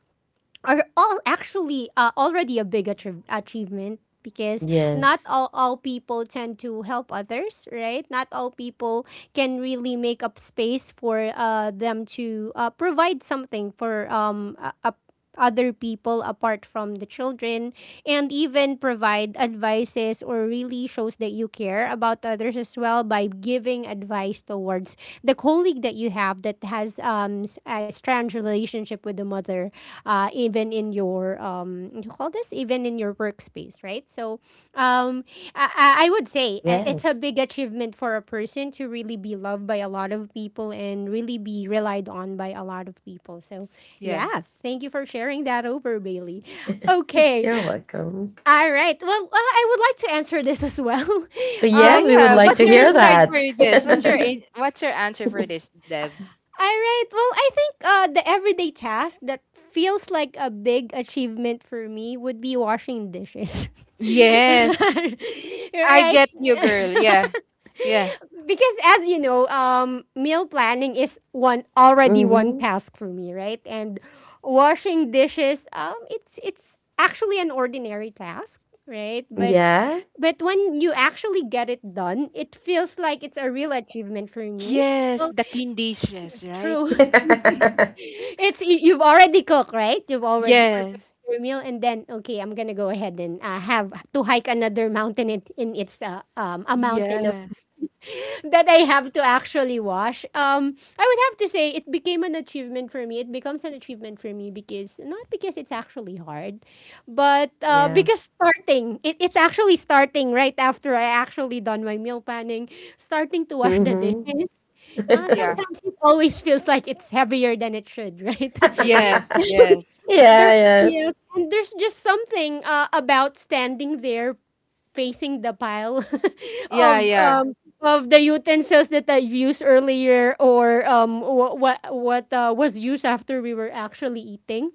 are all actually already a big achievement because not
Yes.
all, all people tend to help others, right? Not all people can really make up space for them to provide something for a other people apart from the children and even provide advices or really shows that you care about others as well by giving advice towards the colleague that you have that has a strange relationship with the mother, even in your you call this, even in your workspace, right? So um, I would say it's a
Yes.
big achievement for a person to really be loved by a lot of people and really be relied on by a lot of people. So
Yeah.
yeah, thank you for sharing that over, Bailey. Okay,
You're welcome.
all right. Well, I would like to answer this as well.
But
Yeah.
yes,
Um,
we would
Yeah.
like
What's
to
your
hear
insight for
that.
this? What's your what's your answer for this, Deb?
All right. Well, I think the everyday task that feels like a big achievement for me would be washing dishes.
Yes. I
Right?
get you, girl. Yeah. Yeah.
Because as you know, meal planning is one already one
Mm-hmm.
task for me, right? And washing dishes, it's actually an ordinary task, right? But
Yeah.
but when you actually get it done, it feels like it's a real achievement for me.
Yes,
Well,
the clean dishes, right?
true, true. It's you've already cooked, right? You've already prepared
Yes.
your meal, and then okay, I'm gonna go ahead and have to hike another mountain. It's a mountain of
Yes.
dishes that I have to actually wash. I would have to say it became an achievement for me. It becomes an achievement for me, because not because it's actually hard, but
Yeah.
because starting it, it's actually starting right after I actually done my meal planning, starting to wash the
Mm-hmm.
dishes.
Yeah.
Sometimes it always feels like it's heavier than it should, right?
Yes,
Yeah,
yes.
There,
yeah.
yes, and there's just something about standing there facing the pile
Yeah,
of
yeah.
um, of the utensils that I've used earlier, or what was used after we were actually eating.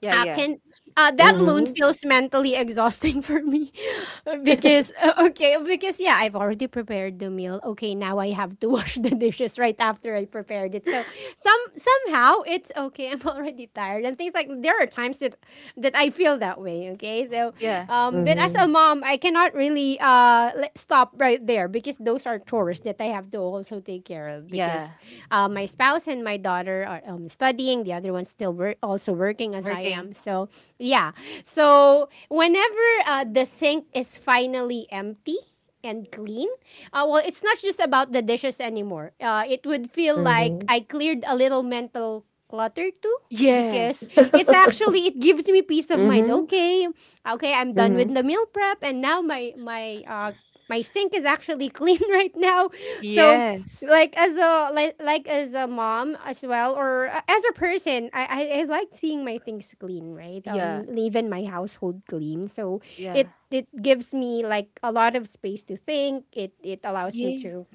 Yeah, yeah.
Can That alone
Mhm.
feels mentally exhausting for me because okay, because yeah, I've already prepared the meal, okay, now I have to wash the dishes right after I prepared it. So somehow it's okay, I'm already tired, and things like there are times that I feel that way, okay. So
Yeah.
but as a
Mhm.
mom, I cannot really stop right there, because those are chores that I have to also take care of, because
Yeah.
my spouse and my daughter are studying. The other one's still also working as I
Working.
am. So yeah. So whenever the sink is finally empty and clean, well, it's not just about the dishes anymore. It would feel like
Mhm.
I cleared a little mental clutter too, because
Yes.
it's actually it gives me peace of mind,
Mhm.
okay. Okay, I'm done with
Mhm.
the meal prep and now my sink is actually clean right now. So
Yes.
like as a mom as well, or as a person, I like seeing my things clean, right? Um,
Yeah.
leaving my household clean, so
Yeah.
it gives me like a lot of space to think, it allows me
Yeah.
to,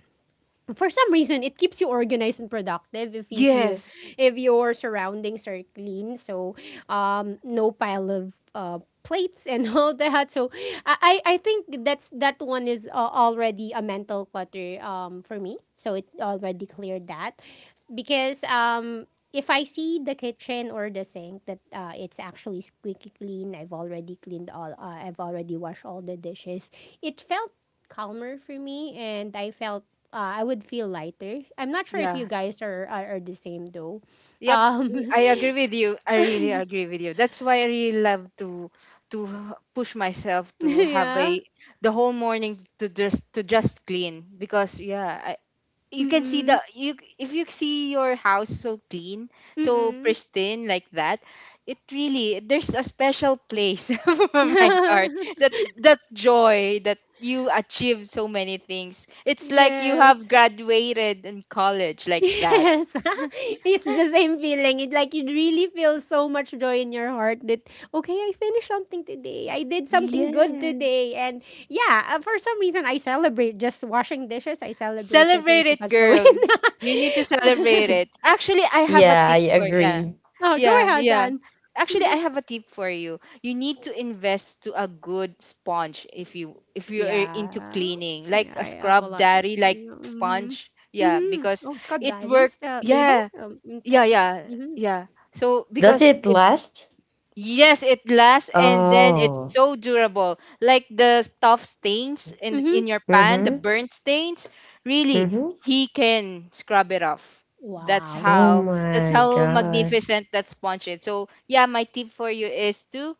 for some reason, it keeps you organized and productive if
Yes.
if your surroundings are clean. So no pile of plates and all that. So i I think that's that one is already a mental clutter for me, so it already cleared that. Because if I see the kitchen or the sink that it's actually squeaky clean, I've already cleaned I've already washed all the dishes. It felt calmer for me, and I felt I would feel lighter. I'm not sure if you
Yeah.
guys are are the same though.
Yep.
Um,
I agree with you. I really agree with you. That's why I really love to push myself to have
yeah.
a the whole morning to just clean, because yeah, I, you can see
Mm-mm.
the you, if you see your house so clean, so
Mm-mm.
pristine like that, it really there's a special place for my heart that that joy that you achieved so many things, it's like you have
Yes.
graduated in college like that.
Yes. It's the same feeling. It like you really feel so much joy in your heart that okay, I finished something today. I did something good
Yeah.
today. And yeah, for some reason I celebrate just washing dishes. I celebrate that
Celebrate
with the
it, girl. You need to celebrate it. Actually, I have a
Yeah, I
tip for yeah.
agree.
Oh, go
Yeah,
ahead,
yeah.
Dan.
Actually, I have a tip for you. You need to invest to a good sponge if you if you're into
Yeah.
cleaning, like
Yeah,
a
I have a
scrub
lot of
daddy like
mhm.
sponge. Yeah,
Mhm.
because
Oh, Scrub
it work.
Daddy's, label?
Yeah. Yeah,
Type
yeah.
mhm.
Yeah. So
Does
because
it
it
last?
yes, it lasts and then it's
Oh.
so durable. Like the stuff stains
Mhm.
in your pan, the
Mhm.
burnt stains, really
Mhm.
he can scrub it off. That's
Wow.
Oh
how that's
my
how
gosh.
magnificent that sponge is. So yeah, my tip for you is to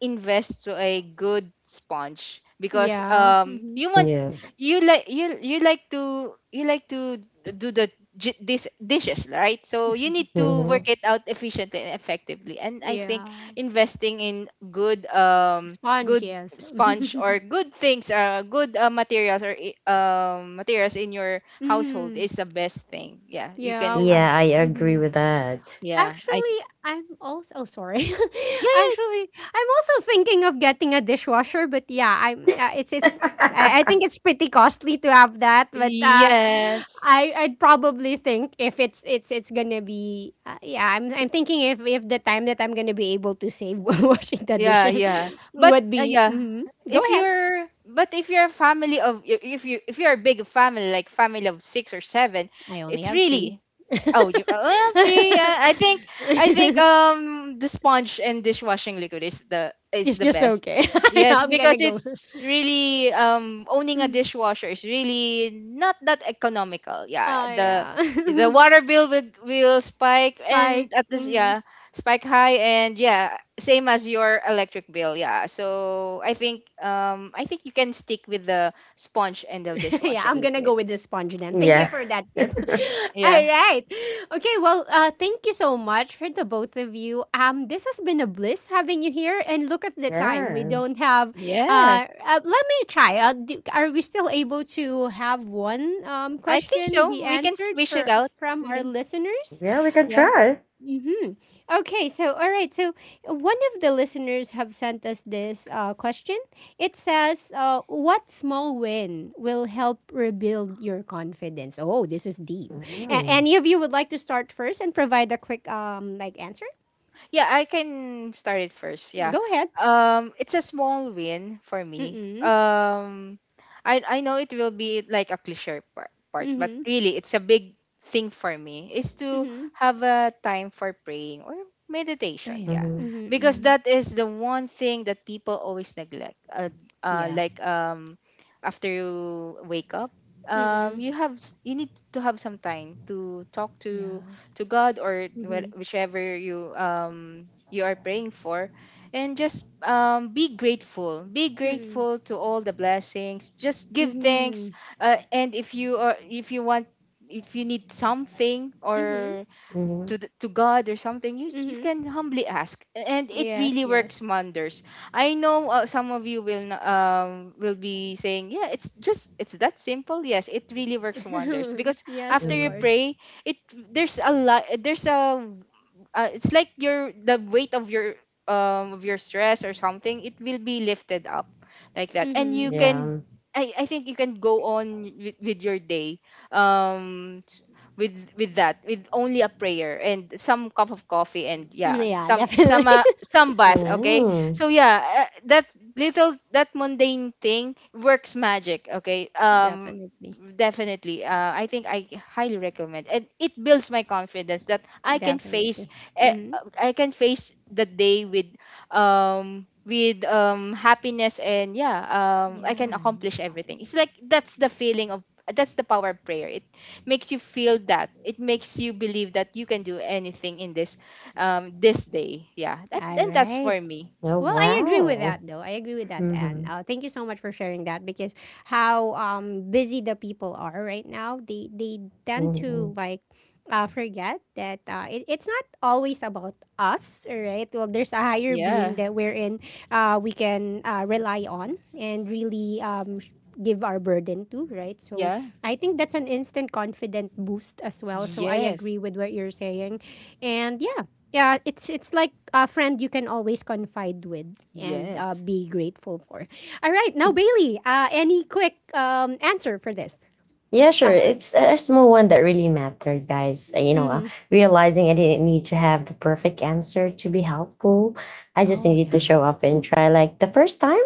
invest to a good sponge because
Yeah. Mhm.
you want
Yeah.
you like you like to do the dishes, right? So you need to work
Mhm.
it out efficiently and effectively, and I think
Yeah.
investing in good
Sponge,
good
yes.
sponge or good things good materials or materials in your household
Mhm.
is the best thing, yeah you
Yeah.
can have
Yeah, I agree
Mhm.
with that.
yeah
Actually, I'm also oh, sorry.
yeah yeah
Actually, I'm also thinking of getting a dishwasher, but yeah, I think it's pretty costly to have that, but
yes
I'd probably think if it's going to be yeah, I'm thinking if the time that I'm going to be able to save washing the
yeah
dishes
yeah but
would be
yeah,
mhm. Go
if
ahead.
you're but if you're a family of if you if you're a big family like family of six or seven,
I only
it's
have
really.
three.
Oh, you LFG. Yeah, I think the sponge and dishwashing liquid is
It's
the
just
best.
okay.
Yes,
I'm going
because
to go.
it's really owning a
Mm.
dishwasher is really not that economical. Yeah,
Oh, yeah.
the water bill will spike and
Spike.
at this
Mhm.
yeah, spike high and yeah same as your electric bill. Yeah, so I think you can stick with the sponge and the
Yeah,
dishwashing
I'm gonna
liquid.
go with the sponge then. Thank you
Yeah.
Yep.
for that tip. All
Yeah.
right. Okay, well, thank you so much for the both of you. This has been a bliss having you here. And look at the time. We
Yeah.
don't have.
Yes.
Uh, let me try. Do, are we still able to have one
I think
question be
so. We can
answered
squish it
for
out.
from
We
our
can.
listeners?
Yeah, we can
Yeah.
try.
Mm-hmm. Okay, so all right, so one of the listeners have sent us this question. It says, "What small win will help rebuild your confidence?" Oh, this is deep. A-
Mhm.
any of you would like to start first and provide a quick like answer?
Yeah, I can start it first. Yeah.
Go ahead.
It's a small win for me.
Mm-mm.
I know it will be like a cliche part, but
Mm-hmm.
really it's a big thing for me is to
Mm-hmm.
have a time for praying or
Oh,
meditation, yeah.
yes.
Mhm.
Mm-hmm.
Because
Mm-hmm.
that is the one thing that people always neglect.
Yeah.
Like after you wake up,
Mm-mm.
you have you need to have some time to talk
Yeah.
to God, or
Mm-hmm.
whichever you you are praying for, and just be grateful, be
Mm-mm.
grateful to all the blessings, just give
Mm-hmm.
thanks, and if you are if you want, if you need something
Mm-hmm.
or
Mhm.
to the, to God or something, you
Mm-hmm.
can humbly ask, and it
Yes.
really works
Yes.
wonders. I know, some of you will will be saying, yeah, it's just it's that simple. Yes, it really works wonders because
Yes.
after
Of
you
course.
Mhm.
pray, it there's a lot there's a it's like your the weight of your stress or something, it will be lifted up like that, and you
Mhm.
can
Yeah.
I think you can go on with your day, um s- with that, with only a prayer and some cup of coffee, and yeah
Mm, yeah, definitely.
some bath, okay?
Mm.
So yeah, that little, that mundane thing works magic, okay?
Definitely.
Definitely I think I highly recommend, and it builds my confidence that I can face
Definitely.
eh,
Mhm.
I can face the day with happiness, and yeah I can
Yeah.
accomplish everything. It's like that's the feeling of that's the power of prayer. It makes you feel that. It makes you believe that you can do anything in this this day. Yeah. That
All
and that's for
right.
me.
Oh
Well, I agree with
wow.
that though. I agree with that, and
Mhm.
thank you so much for sharing that because how busy the people are right now, they tend to
Mhm.
like forget that it's not always about us, right? Well, there's a higher
Yeah.
being that we're in, we can rely on and really give our burden to, right? So
Yeah.
I think that's an instant confident boost as well. So I
Yes.
agree with what you're saying, and yeah, it's like a friend you can always confide with and
Yes.
be grateful for. All right, now Bailey, any quick answer for this?
Yeah, sure.
Uh,
It's a small one that really mattered, guys. You know,
mm-hmm.
realizing I didn't need to have the perfect answer to be helpful. I just
Oh
needed to
yeah.
show up and try. Like the first time,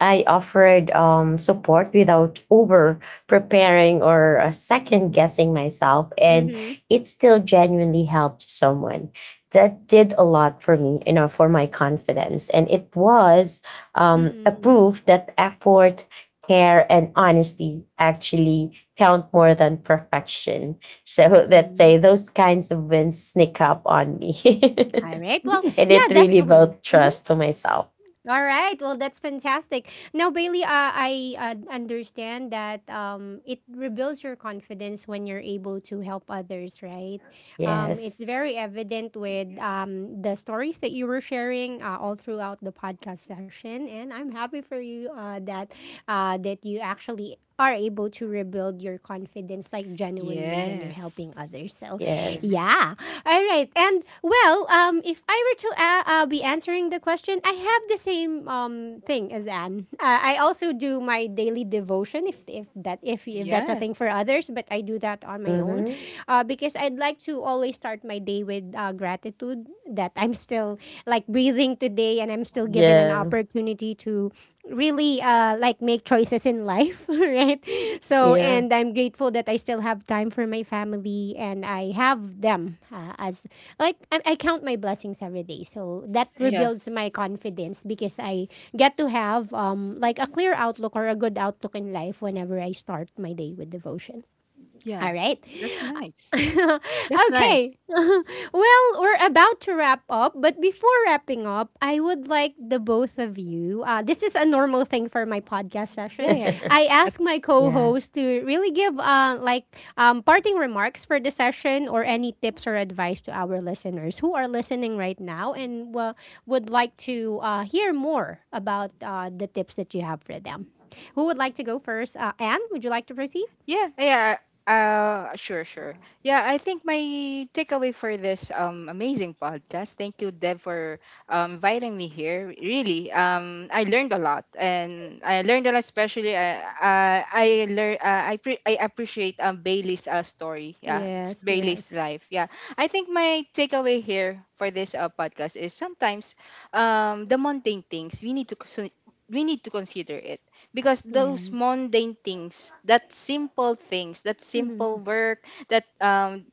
I offered support without over preparing or second guessing myself, and
Mm-hmm.
it still genuinely helped someone. That did a lot for me, you know, for my confidence, and it was a
Mm-mm.
proof that effort, care, and honesty actually count more than perfection. So let's
Mm.
say those kinds of wins sneak up on me.
All right. Well,
And it
yeah, that's
really
a win.
built
Mm-hmm.
trust to myself.
All right. Well, that's fantastic. Now, Bailey, I understand that it rebuilds your confidence when you're able to help others, right? It's
Yes.
very evident with the stories that you were sharing all throughout the podcast session, and I'm happy for you that you actually are able to rebuild your confidence like genuinely when you're
Yes.
helping others. So,
Yeah.
Yes.
yeah. All right. And well, if I were to be answering the question, I have the same thing as Anne. I also do my daily devotion if that's a
Yes.
thing for others, but I do that on my own
Mm-hmm.
because I'd like to always start my day with gratitude that I'm still like breathing today and I'm still given an
Yeah.
opportunity to really like make choices in life, right? So,
Yeah.
and I'm grateful that I still have time for my family and I have them as like I count my blessings every day. So that
Yeah.
rebuilds my confidence because I get to have like a clear outlook or a good outlook in life whenever I start my day with devotion.
Yeah.
All right.
That's nice. That's nice.
Okay. Well, we're about to wrap up, but before wrapping up, I would like the both of you. This is a normal thing for my podcast
Yeah,
session.
yeah.
I
A
ask my
Yeah.
co-host to really give parting remarks for the session or any tips or advice to our listeners who are listening right now and would like to hear more about the tips that you have for them. Who would like to go first? Anne, would you like to proceed?
yeah, yeah. Sure, sure. Yeah, I think my takeaway for this amazing podcast. Thank you, Deb, for inviting me here. Really, I learned a lot, and I learned a lot. Especially, I learn I appreciate Bailey's story. Yeah, it's
Yes,
Bailey's
yes,
life. Yeah, I think my takeaway here for this podcast is sometimes the mundane things we need to we need to consider it, because those
yes.
mundane things, that simple things, that simple
Mhm,
work, that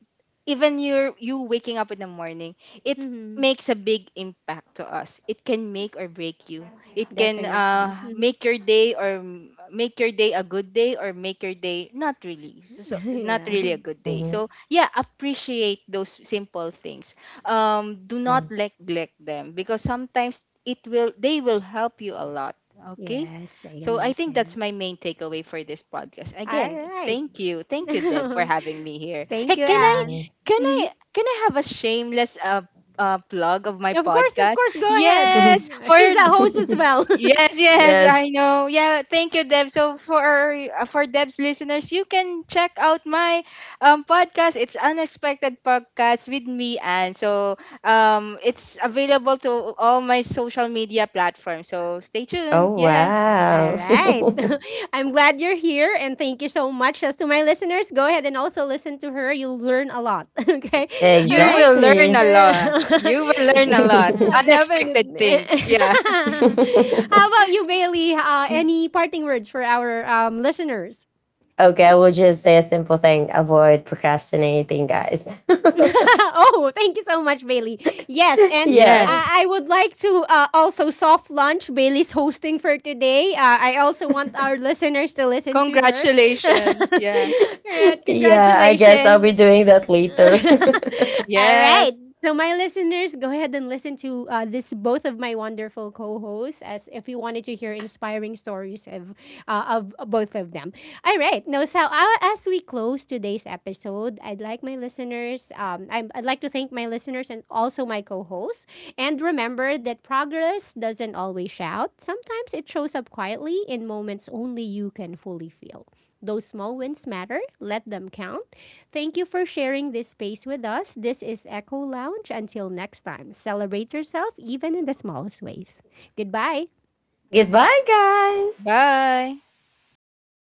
even your you waking up in the morning, it
mhm.
makes a big impact to us, it can make or break you, it can
Definitely. Mhm.
make your day or make your day a good day or make your day not really so not
Yeah.
really a good day.
Mm-hmm.
So yeah, appreciate those simple things, do not
Yes.
neglect them because sometimes it will they will help you a lot, okay?
Yes, I
So I think that's
understand.
my main takeaway for this podcast.
All
Again,
right.
thank you. Thank you, Deb, for having me here. Hey,
Thank you,
can I
Anne.
can
Mhm.
I can I have a shameless plug of my
Of
podcast?
course, go ahead.
Yes,
Mhm.
for
She's a host as well.
yes, yes,
Yes.
I know. Yeah, thank you, Deb. So for Deb's listeners, you can check out my podcast. It's Unexpected Podcast with me and so it's available to all my social media platforms. So stay tuned.
Oh,
Yeah.
All
wow.
right. I'm glad you're here and thank you so much. As to my listeners, go ahead and also listen to her. You'll learn a lot. Okay. All
You
right.
will learn
Exactly.
a lot.
All
You will learn a lot.
yeah,
Unexpected
definitely.
things. Yeah.
How about you, Bailey? Any parting words for our listeners?
Okay, I will just say a simple thing, avoid procrastinating, guys.
Oh, thank you so much, Bailey. Yes,
Yeah.
and
Yeah.
I would like to also soft launch Bailey's hosting for today. I also want our listeners to listen to her.
Congratulations.
All
Yeah.
right,
Yeah, I guess I'll
congratulations.
be doing that later.
All right.
Yes.
So, my listeners, go ahead and listen to this both of my wonderful co-hosts, as if you wanted to hear inspiring stories of both of them. All right. No, so as we close today's episode, I'd like my listeners, I'd like to thank my listeners and also my co hosts. And remember that progress doesn't always shout, sometimes it shows up quietly in moments only you can fully feel. Those small wins matter. Let them count. Thank you for sharing this space with us. This is Echo Lounge. Until next time, celebrate yourself even in the smallest ways. Goodbye.
Goodbye, guys.
Bye.